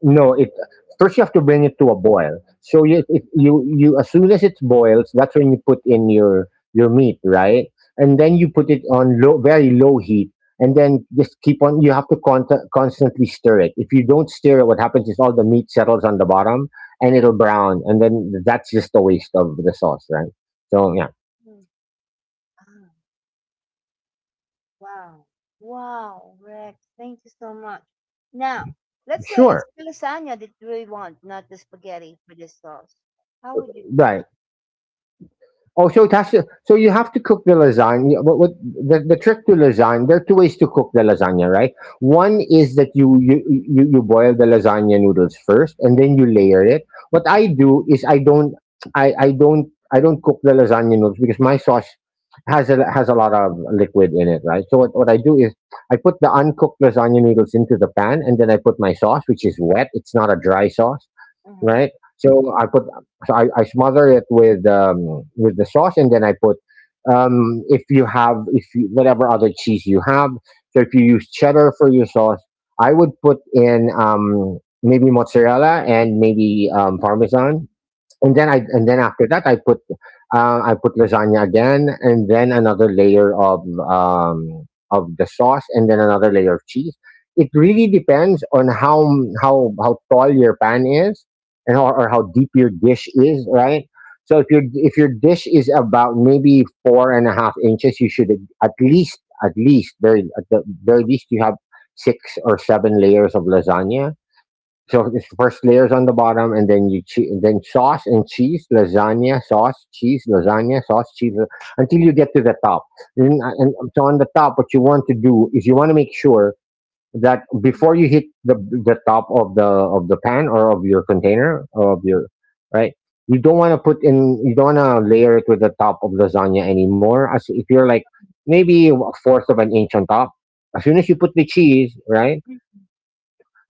first you have to bring it to a boil. So you if you you as soon as it boils, that's when you put in your your meat, right? And then you put it on low, very low heat, and then just keep on. You have to con- constantly stir it. If you don't stir it, what happens is all the meat settles on the bottom, and it'll brown, and then that's just a waste of the sauce, right? So yeah,
Mm. Wow. Wow, Rex. Thank you so much. Now, let's say
sure,
it's the lasagna that we want, not the spaghetti for this sauce. How would you do it?
right. Oh, so it has to, so you have to cook the lasagna. What, what the, the trick to lasagna? There are two ways to cook the lasagna, right? One is that you you you, you boil the lasagna noodles first, and then you layer it. What I do is I don't I, I don't I don't cook the lasagna noodles because my sauce has a has a lot of liquid in it, right? So what, what I do is I put the uncooked lasagna noodles into the pan, and then I put my sauce, which is wet. It's not a dry sauce,
Mm-hmm.
right? So I put so I, I smother it with um, with the sauce, and then I put, um, if you have if you, whatever other cheese you have. So if you use cheddar for your sauce, I would put in um, maybe mozzarella and maybe um, parmesan, and then I and then after that I put uh, I put lasagna again, and then another layer of um, of the sauce, and then another layer of cheese. It really depends on how m- how how tall your pan is, and or, or how deep your dish is, right? So if your if your dish is about maybe four and a half inches, you should, at least at least very at the very least you have six or seven layers of lasagna. So it's first layers on the bottom, and then you che- then sauce and cheese, lasagna, sauce, cheese, lasagna, sauce, cheese, la- until you get to the top. And, and so, on the top, what you want to do is you want to make sure that before you hit the the top of the of the pan or of your
Mm-hmm.
container, or of your right, you don't want to put in you don't want to layer it with the top of lasagna anymore. As if, you're like maybe a fourth of an inch on top. As soon as you put the cheese, right?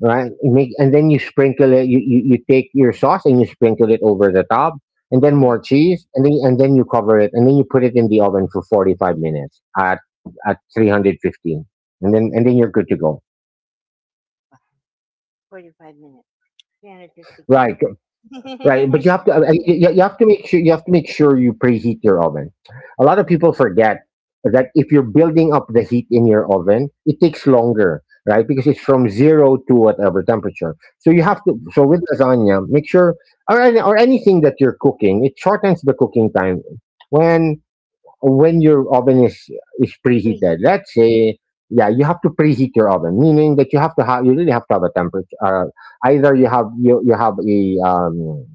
right? You make, and then you sprinkle it. You, you you take your sauce and you sprinkle it over the top, and then
Mm-hmm.
more cheese, and then and then you cover it, and then you put it in the oven for forty five minutes at at three hundred fifteen, and then and then you're good to go.
forty-five minutes. three fifty.
Right? Right, but you have to, uh, uh, you, you have to make sure, you have to make sure you preheat your oven. A lot of people forget that if you're building up the heat in your oven, it takes longer, right? Because it's from zero to whatever temperature. So, you
Uh,
have to so with lasagna, make sure, or any- or anything that you're cooking, it shortens the cooking time when when your oven is is
three.
preheated. Let's say, yeah, you have to preheat your oven, meaning that you have to have you really have to have a temperature. Uh, either you have you you have a um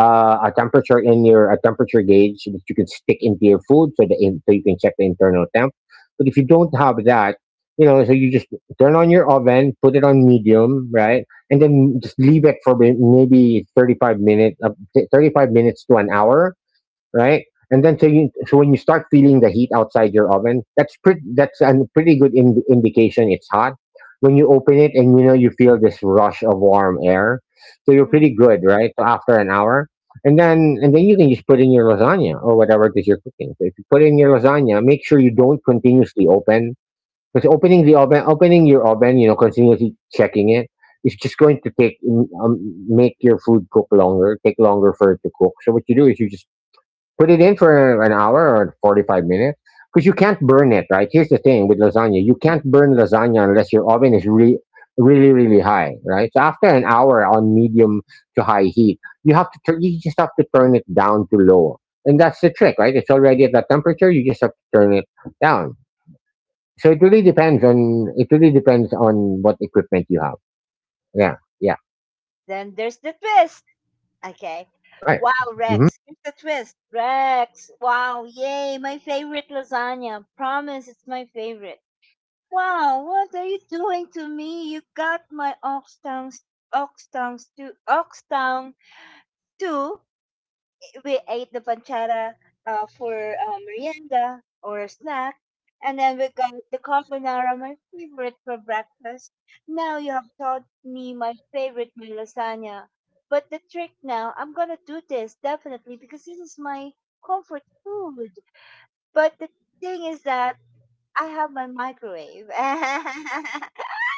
uh, a temperature in your a temperature gauge so that you can stick into your food, so the in, so you can check the internal temp. But if you don't have that, you know, so you just turn on your oven, put it on medium, right, and then just leave it for may- maybe thirty five minutes, uh, thirty five minutes to an hour, right? And then, so you so when you start feeling the heat outside your oven, that's pretty that's a pretty good in, indication it's hot. When you open it and you know you feel this rush of warm air, so you're
Mm.
pretty good, right? So after an hour, and then and then you can just put in your lasagna or whatever it is you're cooking. So if you put in your lasagna, make sure you don't continuously open, because opening the oven, opening your oven, you know, continuously checking it, it's just going to take um, make your food cook longer, take longer for it to cook. So what you do is you just put it in for an hour or forty-five minutes, because you can't burn it, right? Here's the thing with lasagna, you can't burn lasagna unless your oven is really, really, really high, right? So after an hour on medium to high heat, you have to tur- you just have to turn it down to low. And that's the trick, right? It's already at that temperature. You just have to turn it down. So it really depends on it really depends on what equipment you have. Yeah, yeah,
Then there's the twist. Okay.
right.
Wow,
Hmm.
Rex. Here's the twist. Rex. Wow. Yay. My favorite lasagna. Promise it's my favorite. Wow, what are you doing to me? You got my Oxtown, Oxtown, stew- Oxtown too. We ate the panchara uh, for uh, merienda or a snack, and then we got the carbonara, my favorite for breakfast. Now you have taught me my favorite, my lasagna. But the trick now, I'm gonna do this definitely because this is my comfort food. But the thing is that I have my microwave.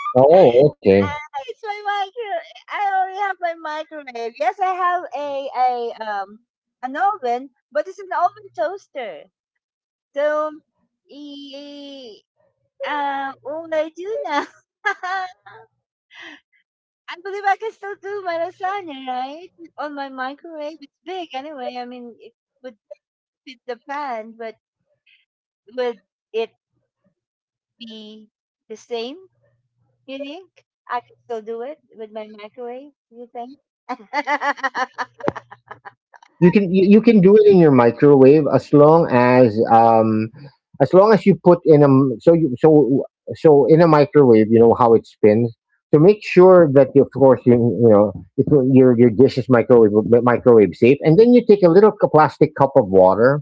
Oh, okay.
Ah, it's my micro. I already have my microwave. Yes, I have a a um an oven, but it's an oven toaster. So, e, uh, what would I do now? I believe I can still do my lasagna, right? On my microwave, it's big anyway. I mean, it would fit the pan, but would it be the same? You think I could still do it with my microwave? You think?
you can you, you can do it in your microwave as long as, um as long as you put in, a m- so you so so in a microwave. You know how it spins, so make sure that, you, of course you you know if your your dish is microwave microwave safe. And then you take a little cu- plastic cup of water,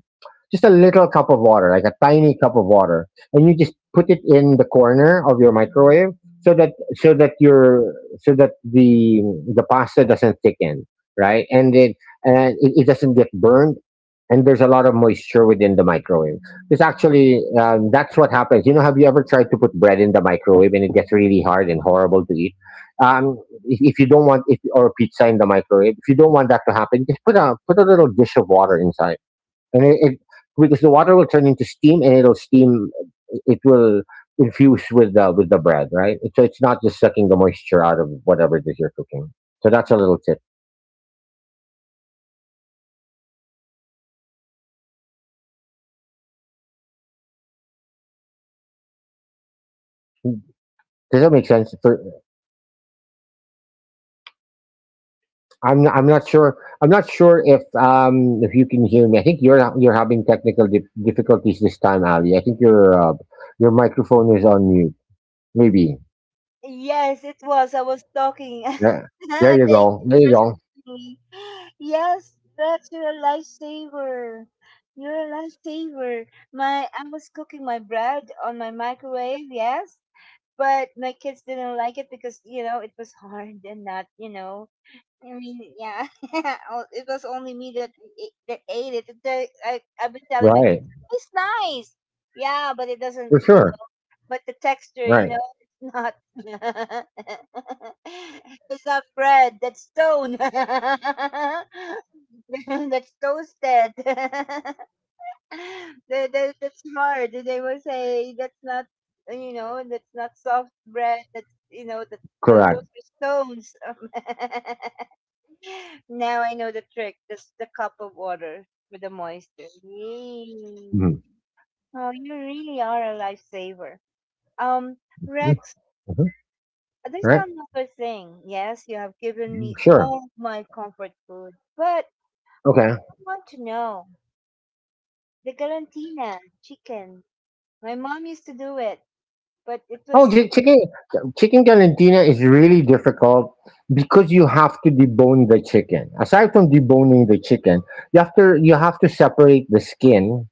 just a little cup of water, like a tiny cup of water, and you just put it in the corner of your microwave, so that so that your so that the the pasta doesn't thicken, right, and it and it, it doesn't get burned, and there's a lot of moisture within the microwave. It's actually um, that's what happens. You know, have you ever tried to put bread in the microwave and it gets really hard and horrible to eat? Um, if, if you don't want, if or pizza in the microwave, if you don't want that to happen, just put a put a little dish of water inside, and it, it because the water will turn into steam, and it'll steam. It will infuse with the with the bread, right? So it's not just sucking the moisture out of whatever it is you're cooking. So that's a little tip. Does that make sense? For I'm not, I'm not sure. I'm not sure if um if you can hear me. I think you're ha- you're having technical dif- difficulties this time, Ali. I think your uh, your microphone is on mute. Maybe.
Yes, it was. I was talking.
Yeah. There you
Thank
go.
you
There
for
you go.
saving me. Yes, that's your lifesaver. You're a lifesaver. My I was cooking my bread on my microwave, yes, but my kids didn't like it because, you know, it was hard and not, you know, I mean, yeah, oh, it was only me that a- that ate it. The- I I've been telling my
Right.
kids it's nice, yeah, but it doesn't,
For
you
sure.
know, but the texture, you
Right.
know, it's not. It's not bread. That's stone. That's toasted. That, that, that's hard. They will say that's not, you know, that's not soft bread. That's you know, that, th- those
Correct.
are stones. Now I know the trick. Just the cup of water with the moisture. Yay.
Mm-hmm.
Oh, you really are a lifesaver. Um, Rex,
Mm-hmm.
there's
Right.
another thing. Yes, you have given me
Sure.
all of my comfort food, but
Okay.
I want to know the galantina chicken. My mom used to do it, but it
Oh,
was
chi- chicken chicken galantina is really difficult, because you have to debone the chicken. Aside from deboning the chicken, you have to you have to separate the skin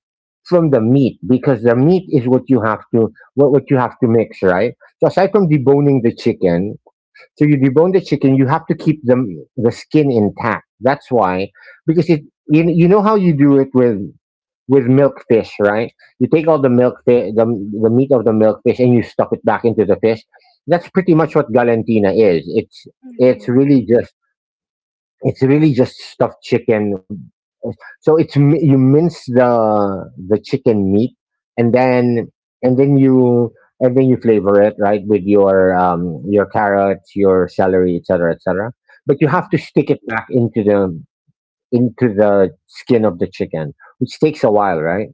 from the meat, because the meat is what you have to what, what you have to mix, right? So aside from deboning the chicken, so you debone the chicken, you have to keep the the skin intact. That's why, because it, you, you know how you do it with with milkfish, right? You take all the milk, the, the meat of the milkfish, and you stuff it back into the fish. That's pretty much what Galantina is. It's it's
mhm,
really just it's really just stuffed chicken. So, it's mi- you mince the the chicken meat, and then and then you and then you flavor it right with your um your carrots, your celery, et cetera, et cetera. But you have
mhm.
to stick it back into the into the skin of the chicken, which takes a while, right?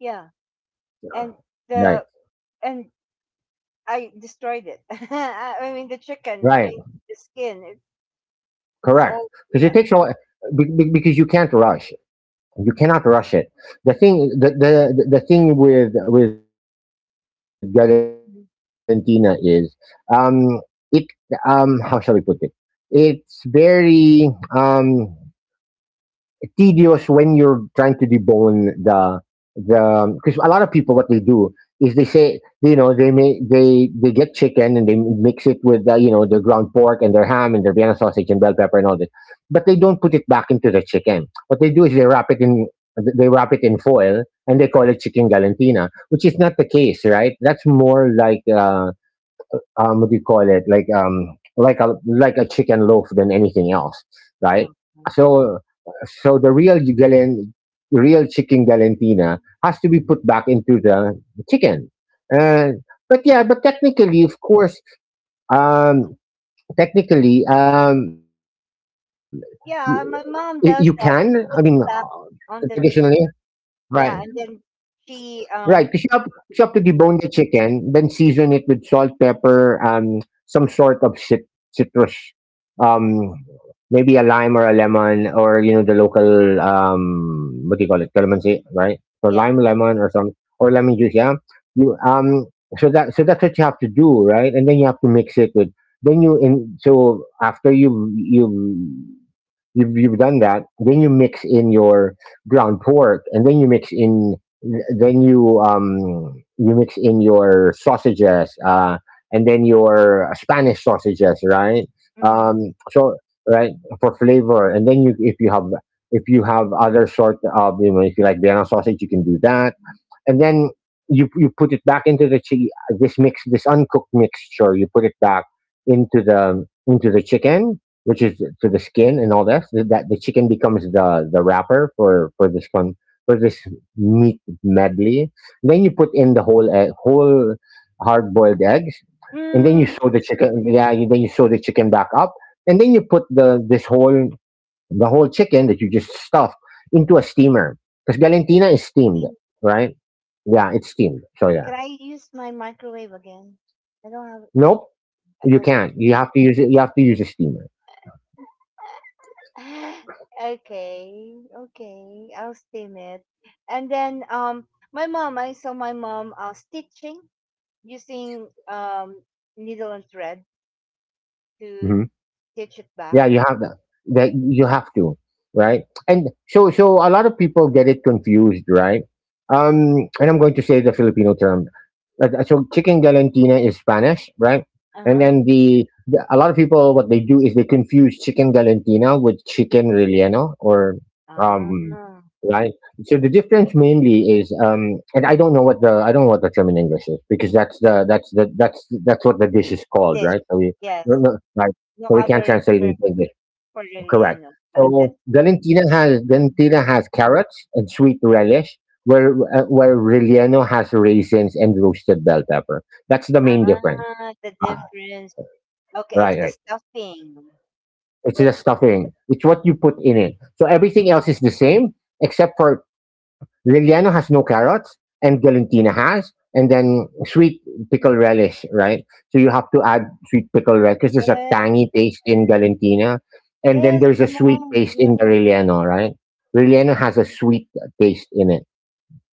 Yeah, and the and I destroyed it. I mean the chicken. I
Right.
mean the skin. It, it's
Correct.
all
Because it
yeah.
takes a lot. be- be- Because you can't rush. You cannot rush it. The thing, the the, the thing with with Galantina is,
Mm-hmm.
um, it um, how shall we put it? It's very um tedious when you're trying to debone the, the because a lot of people, what they do is they say, you know, they make, they they get chicken and they mix it with uh, you know their ground pork and their ham and their Vienna sausage and bell pepper and all this, but they don't put it back into the chicken. What they do is they wrap it in they wrap it in foil, and they call it chicken galantina, which is not the case, right? That's more like uh, um what do you call it, like, um like a like a chicken loaf than anything else, right.
Uh,
So so the real galen real chicken galantina has to be put back into the chicken. And But yeah, but technically, of course, um technically, um y- you
yeah,
can,
my
I
mom
mean,
does that. She put
uh,
it back
traditionally,
on the chicken.
right.
Yeah, and then
Right, because you
she
have, you
um
have to debone the chicken, then season it with salt, pepper, and some sort of cit- citrus, um, maybe a lime or a lemon, or you know the local, um, what do you call it, calamansi, right? So
yeah.
lime, lemon, or some or lemon juice, yeah. You um, so that So that's what you have to do, right? And then you have to mix it with. Then you in so after you you You've, you've done that. Then you mix in your ground pork, and then you mix in, then you um you mix in your sausages, uh, and then your Spanish sausages, right?
Mm.
Um, so right, for flavor, and then you if you have, if you have other sort of you know if you like Vienna sausage, you can do that. And then you you put it back into the chi- this mix this uncooked mixture. You put it back into the into the chicken, which is to the skin and all this. Th- That, the chicken becomes the the wrapper for for this con for this meat medley. Then you put in the whole egg, whole hard boiled eggs, and then you
Mm.
sew the chicken. Yeah, you, then you sew the chicken back up, and then you put the this whole the whole chicken that you just stuff into a steamer. Because Galantina is steamed,
See,
right? Yeah, it's steamed. So yeah.
can I use my microwave again? I don't have
Nope.
I
You
lost.
can't. You have to use it you have to use a steamer.
Okay, okay. I'll steam it. And then um my mom, I saw my mom uh stitching using um needle and thread to
Mhm.
stitch it back.
Yeah, you have that, that you have to, right. And so so a lot of people get it confused, right. um and I'm going to say the Filipino term. Uh, so chicken galantina is Spanish, right. And
Uh-huh.
then the, the a lot of people, what they do is they confuse chicken galantina with chicken relleno or,
Ah,
um right. So the difference mainly is, um and i don't know what the I don't know what the term in English is, because that's the that's the that's that's what the dish is called,
dish.
right, so we,
Yes.
right.
No
So we can't
other
translate it into
term.
English.
For
Correct.
Corigliano, but that's
So Galantina has
mm.
Galantina has carrots and sweet relish, where uh, where Relleno has raisins and roasted bell pepper. That's the main difference.
Ah, the
Ah,
difference. Okay, it's
right,
the
right.
stuffing.
It's the stuffing. It's what you put in it. So everything else is the same, except for Liliano has no carrots, and Galantina has, and then sweet pickle relish, right? So you have to add sweet pickle relish because there's a
Yes,
tangy taste in Galantina, and then
yes,
there's
my
a sweet
mom.
taste in the
Yeah,
Relleno, right? Relleno has a sweet taste in it.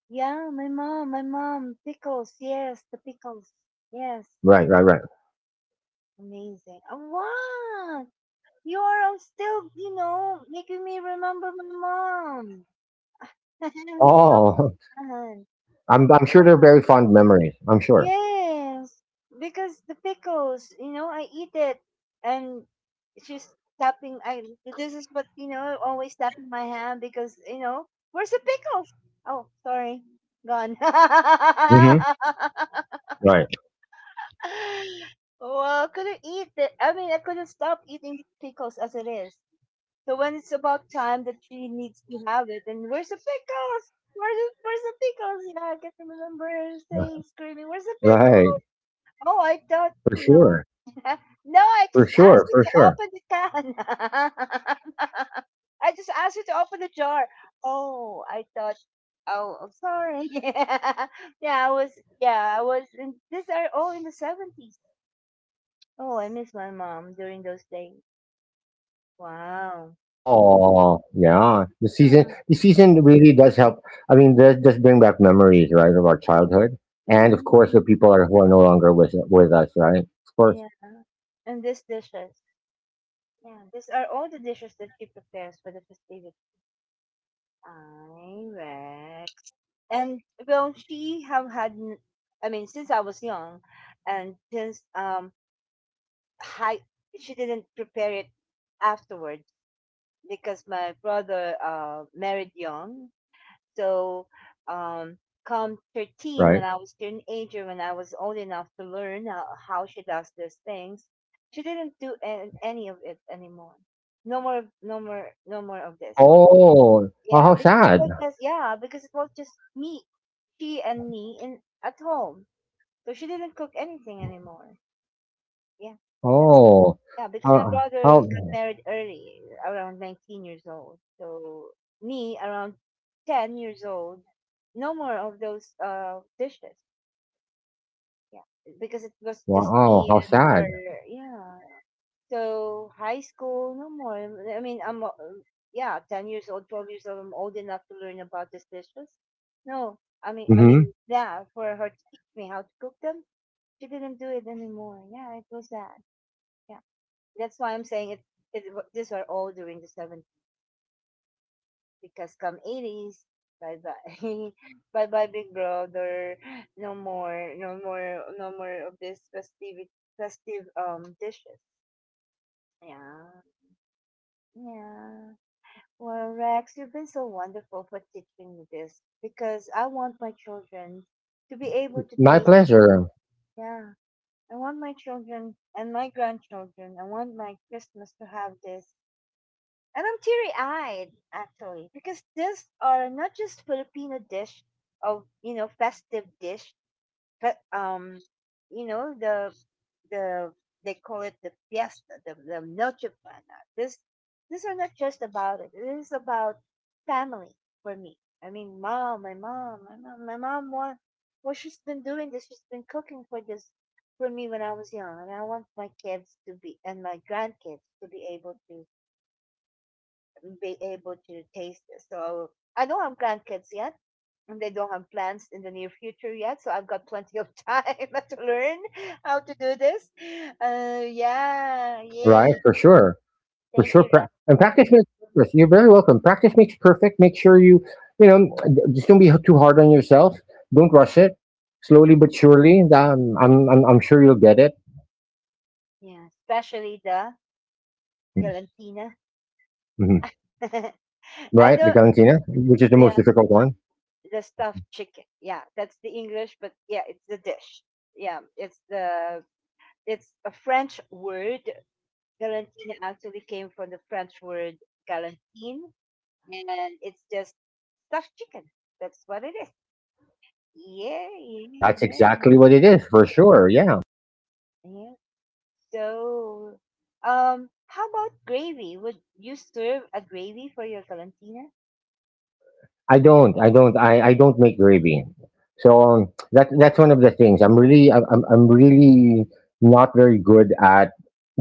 yeah, my mom, my mom. Pickles, yes, the pickles. Yes,
Right, right, right.
amazing. Oh, wow, you are still, you know, making me remember my mom.
Oh,
Johan.
I'm, I'm sure they're very fond memories. I'm sure.
Yes, because the pickles, you know, I eat it, and she's tapping. I This is what you know, always tapping my hand because you know, where's the pickles? Oh, sorry, gone. Well,
Hmm. Right,
I couldn't eat it. I mean, I couldn't stop eating pickles as it is. So when it's about time that she needs to have it, and where's the pickles? Where's the, where's the pickles? Yeah, I can remember her saying, screaming, "Where's the
right.
pickles?" Oh, I thought,
For
you know.
sure.
No, I
For
just asked
sure.
you
For
to
sure.
open the can. I just asked you to open the jar. Oh, I thought. Oh, I'm sorry. yeah, yeah. I was. Yeah, I was. In, these are all in the seventies. Oh, I miss my mom during those days. Wow.
Oh, yeah. The season,
Huh.
the season really does help. I mean, does does bring back memories, right, of our childhood, and, of course, the
mm
people are, who are no longer with with us, right? Of course,
Yeah, and these dishes. Yeah, these are all the dishes that she prepares for the festivities. I and Well, she have had n- I mean, since I was young and since um high she didn't prepare it afterwards because my brother uh married young. So um come thirteen, when
right.
I was teenager, when I was old enough to learn how, how she does these things, she didn't do an- any of it anymore. No more, no more, no more of this.
Oh, oh,
Yeah,
how
because it
sad.
was just yeah, because it was just me, she and me in at home. So she didn't cook anything anymore. Yeah, that's
Oh,
yeah, because my
how,
brother
how
got married early, around nineteen years old. So me around ten years old, no more of those uh dishes. Yeah, because it was just
wow, how
me and
sad.
her. Yeah. So high school, no more. I mean, I'm uh, um, yeah, ten years old, twelve years old. I'm old enough to learn about these dishes. No, I mean, I mean,
Mm-hmm.
yeah, for her to teach me how to cook them, she didn't do it anymore. Yeah, it was that. Yeah, that's why I'm saying it. It wa- these are all during the seventies because come eighties, bye bye, bye bye, big brother. No more, no more, no more of this festive, festive um dishes. Yeah, yeah. Well, Rex, you've been so wonderful for teaching me this because I want my children to be able to
My
taste.
pleasure,
Yeah, I want my children and my grandchildren. I want my Christmas to have this. And I'm teary eyed, actually, because these are not just Filipino dish of, you know, festive dish, but um, you know the the they call it the fiesta, the, the noche buena. This These are not just about it. It is about family for me. I mean, mom, my mom, my mom, my mom. What what she's been doing this, she's been cooking for this for me when I was young, and I want my kids to be and my grandkids to be able to be able to taste this. So I don't have grandkids yet, and they don't have plans in the near future yet, so I've got plenty of time to learn how to do this. Uh yeah,
right?
yay,
For sure. For
thank
sure.
you, Ren.
Pra- and Practice makes perfect. You're very welcome. Practice makes perfect. Make sure you, you know, just don't be too hard on yourself. Don't rush it. Slowly but surely, um, I'm, I'm, I'm sure you'll get it.
Yeah, especially the Valentina.
Hmm. Right? The
I
Galantina,
don't
which is the most difficult
yeah
one.
The stuffed chicken, yeah, that's the English, but yeah, it's the dish. yeah it's the it's a French word. Galantina actually came from the French word galantine, and it's just stuffed chicken. That's what it is. Yeah, yeah,
That's
yeah,
exactly
yeah,
what it is, for sure. Yeah.
yeah. So, um, how about gravy? Would you serve a gravy for your Valentina?
I don't. I don't. I, I don't make gravy. So, um, that that's one of the things. I'm really I'm I'm I'm really not very good at,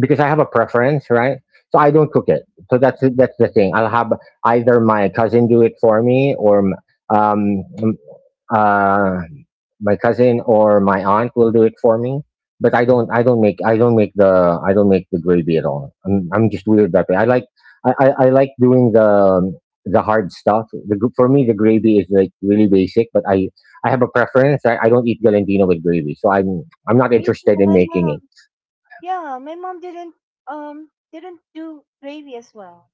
because I have a preference, right? So I don't cook it. So that's the- that's the thing. I'll have either my cousin do it for me, or um um, uh my cousin or my aunt will do it for me, but i don't i don't make i don't make the I don't make the gravy at all. i'm, I'm just weird that way. i like I, I, I like doing the um, the hard stuff. The, gr- for me, the gravy is like really basic, but i I have a preference. i, I don't eat galantino with gravy, so i'm I'm not
Me too.
interested in
My
making it.
mom, yeah, my mom didn't um didn't do gravy as well.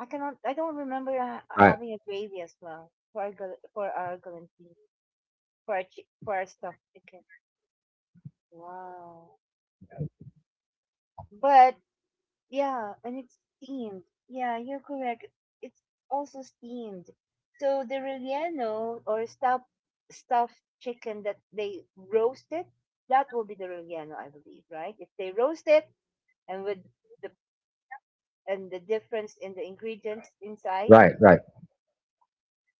I cannot. I don't remember ha- having a
Right,
gravy as well for our gal- for our Valentina, for our chi- for our stuffed chicken. Wow. But yeah, and it's steamed. Yeah, you're correct. It's also steamed. So the relleno, or stuffed stuffed chicken, that they roasted, that will be the relleno, I believe, right? If they roast it and with the and the difference in the ingredients inside,
right, right.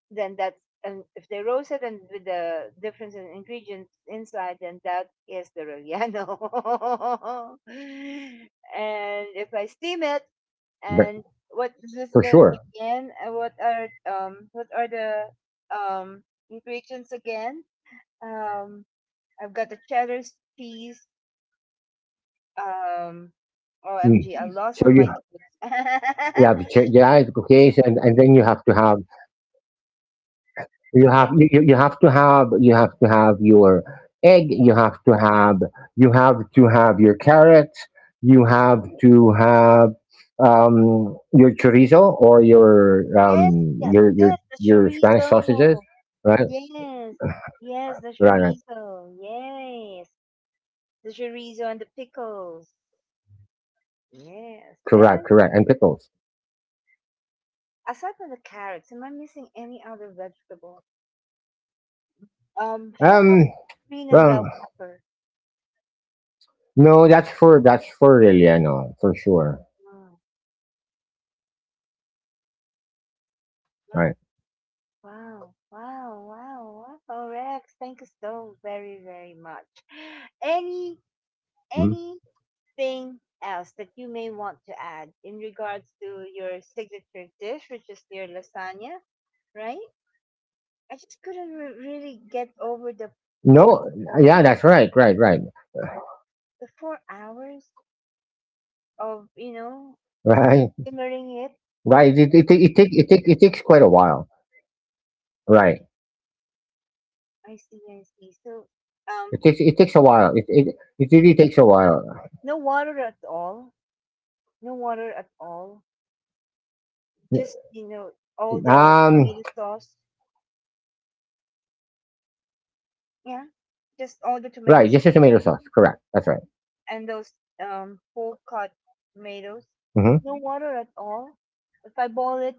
then that's, and if they roast it and with the difference in
Correct,
ingredients
correct.
inside,
That's
then
right.
that
Absolutely
is the
right.
relleno. And if I steam it,
But
and what is
for
the
sure.
again? uh, What are um what are the um ingredients again? Um, I've got the cheddar cheese. Um,
Mm.
O M G, I Mm.
so
lost
you
on my notes.
Yeah, the chi- yeah, it's okay. so- and, and then you have to have You have you,
yes,
you you have to have you have to have your egg. You have to have you have to have your carrot. You have to have um, your chorizo or your
yes, yes,
um, your
yes,
your
the
your Spanish
chorizo.
sausages, right?
Yes, yes, the
Right, right,
chorizo. Yes, the chorizo and the pickles. Yes, and
correct, correct, and pickles.
aside from the carrots, am I missing any other vegetable? Um, how about
Um,
green and bell
well,
pepper?
no, that's for that's for Relleno for sure,
Wow,
right?
wow, wow, wow, wow, wow, Rex. Thank you so very, very much.
Mhm.
Any Anything else that you may want to add in regards to your signature dish, which is your lasagna, right? I just couldn't re- really get over the four
No,
hour,
yeah, that's right, right, right.
the four hours of, you know,
Right.
simmering it.
Right. It it take it take it take it takes quite a while. Right.
I see, I see. So, um,
It takes it takes a while. It it, it really takes a while.
no water at all. No water at all. Just, you know, all the
Um.
tomato sauce. Yeah.
Right. Just a
Just
tomato
all the
sauce. Correct.
tomatoes
That's right.
and those um whole cut
Mm-hmm.
tomatoes. No water at all. If I boil it,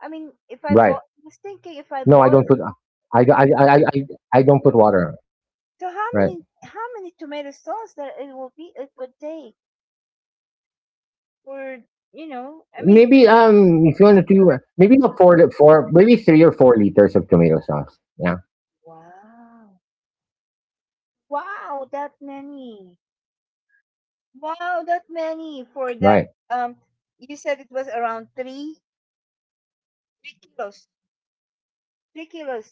I mean,
Right.
If I boil, I was
No, I
thinking if
don't
I
put.
boil it,
I I I I I I don't put water. Right.
so how many, how many tomato sauce that it will be, it would take for, you know, I
Maybe,
mean, if,
um, if you want to do, maybe not four li- four, maybe three or four liters of tomato sauce. Yeah.
wow, wow, that many, wow, that many for that, um,
Right.
you said it was around three three kilos, three kilos,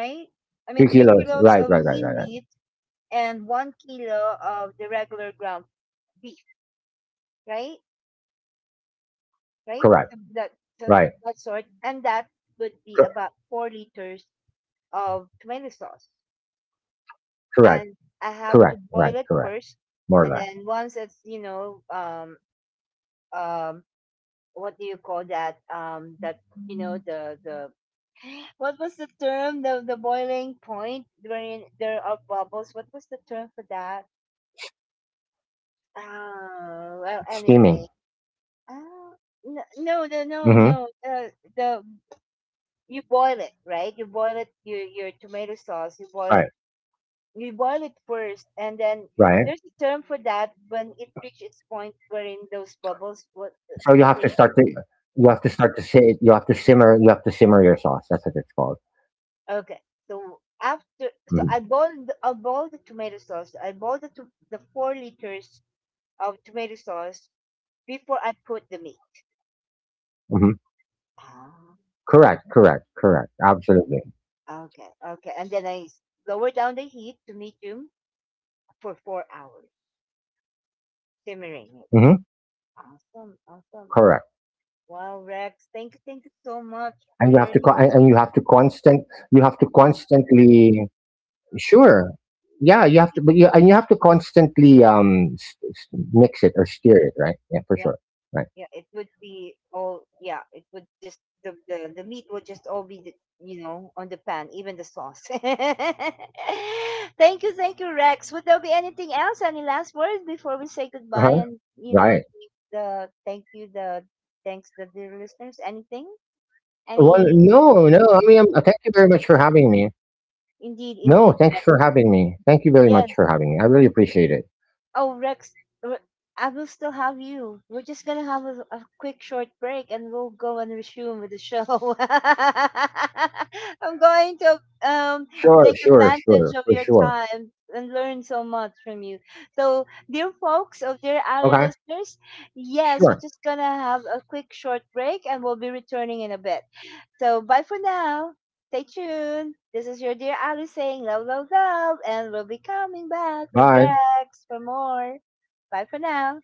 Three kilos.
I mean,
Right.
three
Right. Right. Right.
kilos
Right.
of lean meat and one kilo of the regular ground beef, right? Right?
Correct.
Some- That
Right.
some, that sort, and that would be
Cor-
about four liters of tomato sauce. And
correct.
I have to boil
Correct.
it
Right.
first,
Correct.
and then
More or less.
once it's, you know um um what do you call that, um that you know the the what was the term? The the boiling point wherein there are bubbles. What was the term for that? Ah, well, anyway.
Steaming.
Ah, no, no, the- no, no.
Mm-hmm.
The the You boil it, right? You boil it. Your your tomato sauce. You boil it.
Right.
You boil it first, and then there's a term
Right?
for that when it reaches its point wherein those bubbles. What what they
So you have to start to you have to start to sit you have to simmer you have to simmer your sauce. That's what it's
Okay.
called.
So after so I boiled, I boiled
Mhm,
the tomato sauce. I boiled the to, the four liters of tomato sauce before I put the meat.
mhm.
Ah,
Correct, correct, correct. Absolutely.
okay, okay. And then I s- lower down the heat to medium for four hours, simmering it.
Mhm,
Awesome, awesome.
correct.
Wow, Rex, thank you, thank you so
And you have
much
to co-
for
and and you
learning
have to
this.
constant you have to constantly. Sure. Yeah, you have to
Yeah,
but you and you have to constantly, um s- s- mix it or steer it, right? Yeah, for
yeah.
sure. Right.
Yeah, it would be all. Yeah, it would just the the, the meat would just all be the, you know, on the pan, even the sauce. Thank you, thank you, Rex. Would there be anything else? Any last words
Uh-huh.
before we say
Right.
goodbye and, you know, give the thank you, the thanks, the dear listeners? Anything?
Well, no, no.
Any?
I mean, um, thank you very much for having me. No,
Indeed,
thanks for
indeed,
having
Rex.
me. Thank you very much for having
Yes.
me. I really appreciate it.
Oh, Rex, Re- I will still have you. We're just gonna have a, a quick short break and we'll go and resume with the show. I'm going to, um,
Sure,
take
sure,
advantage
sure,
of
for
your
sure.
time and learn so much from you. So, dear folks, or dear our
Okay,
listeners, yes, we're
sure.
just gonna have a quick short break and we'll be returning in a bit. So bye for now. Stay tuned. This is your dear Ali saying love, love, love, and we'll be coming back with
Bye.
Rex for more. Bye for now.